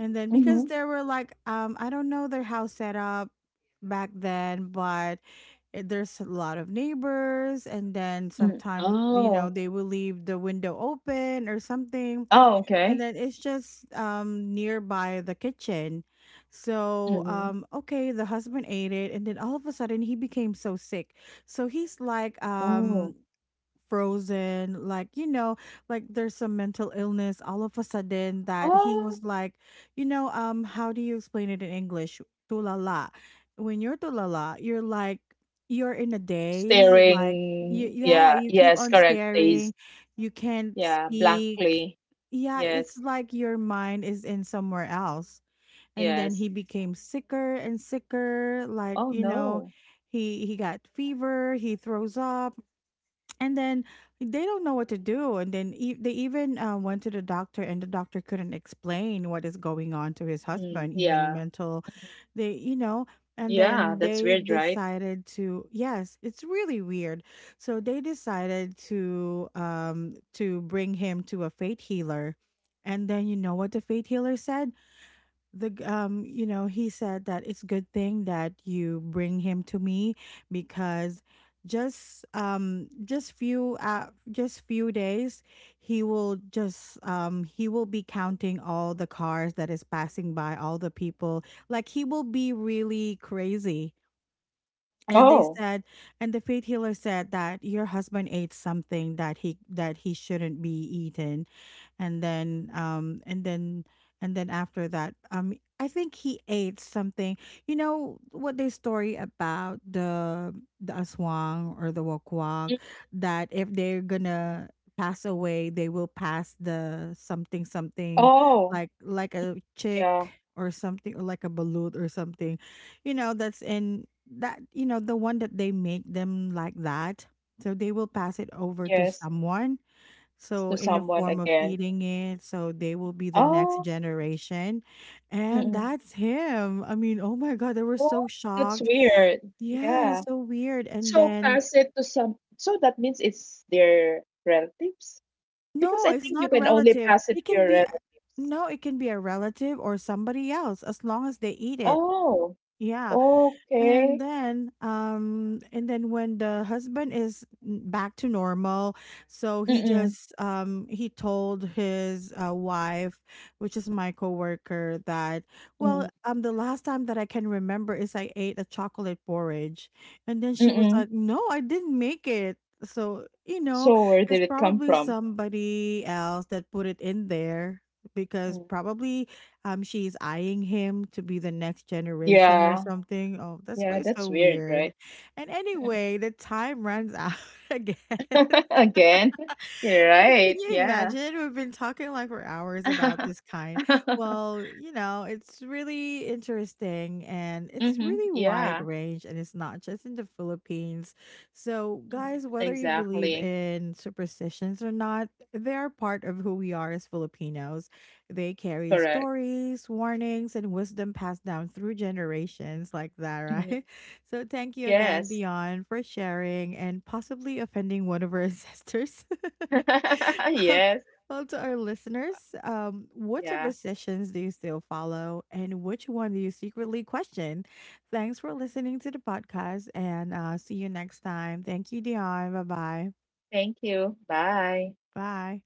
Speaker 1: And then,
Speaker 2: Mm-hmm.
Speaker 1: because there were like I don't know their house set up back then, but there's a lot of neighbors, and then
Speaker 2: Mm.
Speaker 1: sometimes,
Speaker 2: Oh.
Speaker 1: they will leave the window open or something.
Speaker 2: Oh,
Speaker 1: And
Speaker 2: okay.
Speaker 1: then it's just nearby the kitchen. So
Speaker 2: Mhm.
Speaker 1: okay, the husband ate it, and then all of a sudden he became so sick. So he's like,
Speaker 2: Oh.
Speaker 1: frozen, like, like there's some mental illness all of a sudden, that he
Speaker 2: Oh,
Speaker 1: was like, how do you explain it in English? Tulala. When you're tulala, you're like, you're in a daze,
Speaker 2: staring.
Speaker 1: yeah,
Speaker 2: Yeah.
Speaker 1: you keep
Speaker 2: Yes,
Speaker 1: on
Speaker 2: correct. Days.
Speaker 1: staring, you can't
Speaker 2: Yeah,
Speaker 1: speak,
Speaker 2: blankly.
Speaker 1: yeah, it's
Speaker 2: Yes.
Speaker 1: like your mind is in somewhere else. And then he
Speaker 2: Yes.
Speaker 1: became sicker and sicker, like,
Speaker 2: Oh, no.
Speaker 1: he got fever, he throws up, and then they don't know what to do. And then, they even, went to the doctor, and the doctor couldn't explain what is going on to his
Speaker 2: Mm,
Speaker 1: husband, even
Speaker 2: yeah.
Speaker 1: mental, they you know, and
Speaker 2: Yeah,
Speaker 1: then
Speaker 2: that's
Speaker 1: they
Speaker 2: weird, right?
Speaker 1: decided to, yes, it's really weird. So they decided to, bring him to a fate healer. And then, you know what the fate healer said, the g- you know he said that it's good thing that you bring him to me, because just few days, he will just he will be counting all the cars that is passing by, all the people, like he will be really crazy. And they
Speaker 2: Oh.
Speaker 1: said, and the faith healer said that your husband ate something that he shouldn't be eaten. And then, and then after that, I think he ate something. You know what they story about the aswang or the wakwak,
Speaker 2: Mm,
Speaker 1: that if they're gonna pass away, they will pass the something something,
Speaker 2: Oh.
Speaker 1: like a chick
Speaker 2: Yeah.
Speaker 1: or something, or like a balut or something. You know that's in that, the one that they make them like that. So they will pass it over to
Speaker 2: Yes.
Speaker 1: someone,
Speaker 2: It's
Speaker 1: so
Speaker 2: to
Speaker 1: in the
Speaker 2: someone
Speaker 1: form of
Speaker 2: again.
Speaker 1: eating it, so they will be the next
Speaker 2: Oh.
Speaker 1: generation. And
Speaker 2: Mm-mm.
Speaker 1: that's him. I mean, oh my God, they were
Speaker 2: Oh,
Speaker 1: so
Speaker 2: that's
Speaker 1: shocked.
Speaker 2: weird.
Speaker 1: Yeah,
Speaker 2: Yeah.
Speaker 1: it's so weird. And
Speaker 2: So
Speaker 1: then,
Speaker 2: pass it to some. So that means it's their relatives? Because
Speaker 1: no,
Speaker 2: I
Speaker 1: it's
Speaker 2: think you
Speaker 1: not
Speaker 2: can only
Speaker 1: relative.
Speaker 2: pass it
Speaker 1: It
Speaker 2: to
Speaker 1: can
Speaker 2: your
Speaker 1: be
Speaker 2: relatives.
Speaker 1: no, it can be a relative or somebody else, as long as they eat it.
Speaker 2: Oh,
Speaker 1: Yeah,
Speaker 2: okay.
Speaker 1: and then, when the husband is back to normal, so he
Speaker 2: Mm-mm,
Speaker 1: just he told his, wife, which is my coworker, that, well,
Speaker 2: mm,
Speaker 1: the last time that I can remember is I ate a chocolate porridge, and then she was
Speaker 2: mm-mm.
Speaker 1: like, "No, I didn't make it." So,
Speaker 2: So where
Speaker 1: it's
Speaker 2: did it come
Speaker 1: probably
Speaker 2: from?
Speaker 1: somebody else that put it in there, because
Speaker 2: Mm.
Speaker 1: probably she's eyeing him to be the next generation or
Speaker 2: Yeah,
Speaker 1: something. Oh, that's why
Speaker 2: yeah,
Speaker 1: it's so
Speaker 2: that's weird,
Speaker 1: weird.
Speaker 2: right?
Speaker 1: And anyway, the time runs out again.
Speaker 2: Again, you're
Speaker 1: Like, can
Speaker 2: right.
Speaker 1: you
Speaker 2: Yeah.
Speaker 1: imagine? We've been talking like for hours about this kind. Well, it's really interesting, and it's
Speaker 2: Mm-hmm.
Speaker 1: really wide
Speaker 2: Yeah.
Speaker 1: range, and it's not just in the Philippines. So,
Speaker 2: Hmm.
Speaker 1: guys, whether you believe
Speaker 2: Exactly.
Speaker 1: in superstitions or not, they are part of who we are as Filipinos. They carry
Speaker 2: Correct.
Speaker 1: stories, warnings, and wisdom passed down through generations like that,
Speaker 2: Hmm.
Speaker 1: right? So thank you again,
Speaker 2: Yes.
Speaker 1: Dion, for sharing and possibly offending one of our ancestors. well,
Speaker 2: Yes.
Speaker 1: well, to our listeners, what
Speaker 2: Yeah.
Speaker 1: superstitions do you still follow, and which one do you secretly question? Thanks for listening to the podcast, and see you next time. Thank you, Dion. Bye-bye.
Speaker 2: Thank you. Bye.
Speaker 1: Bye.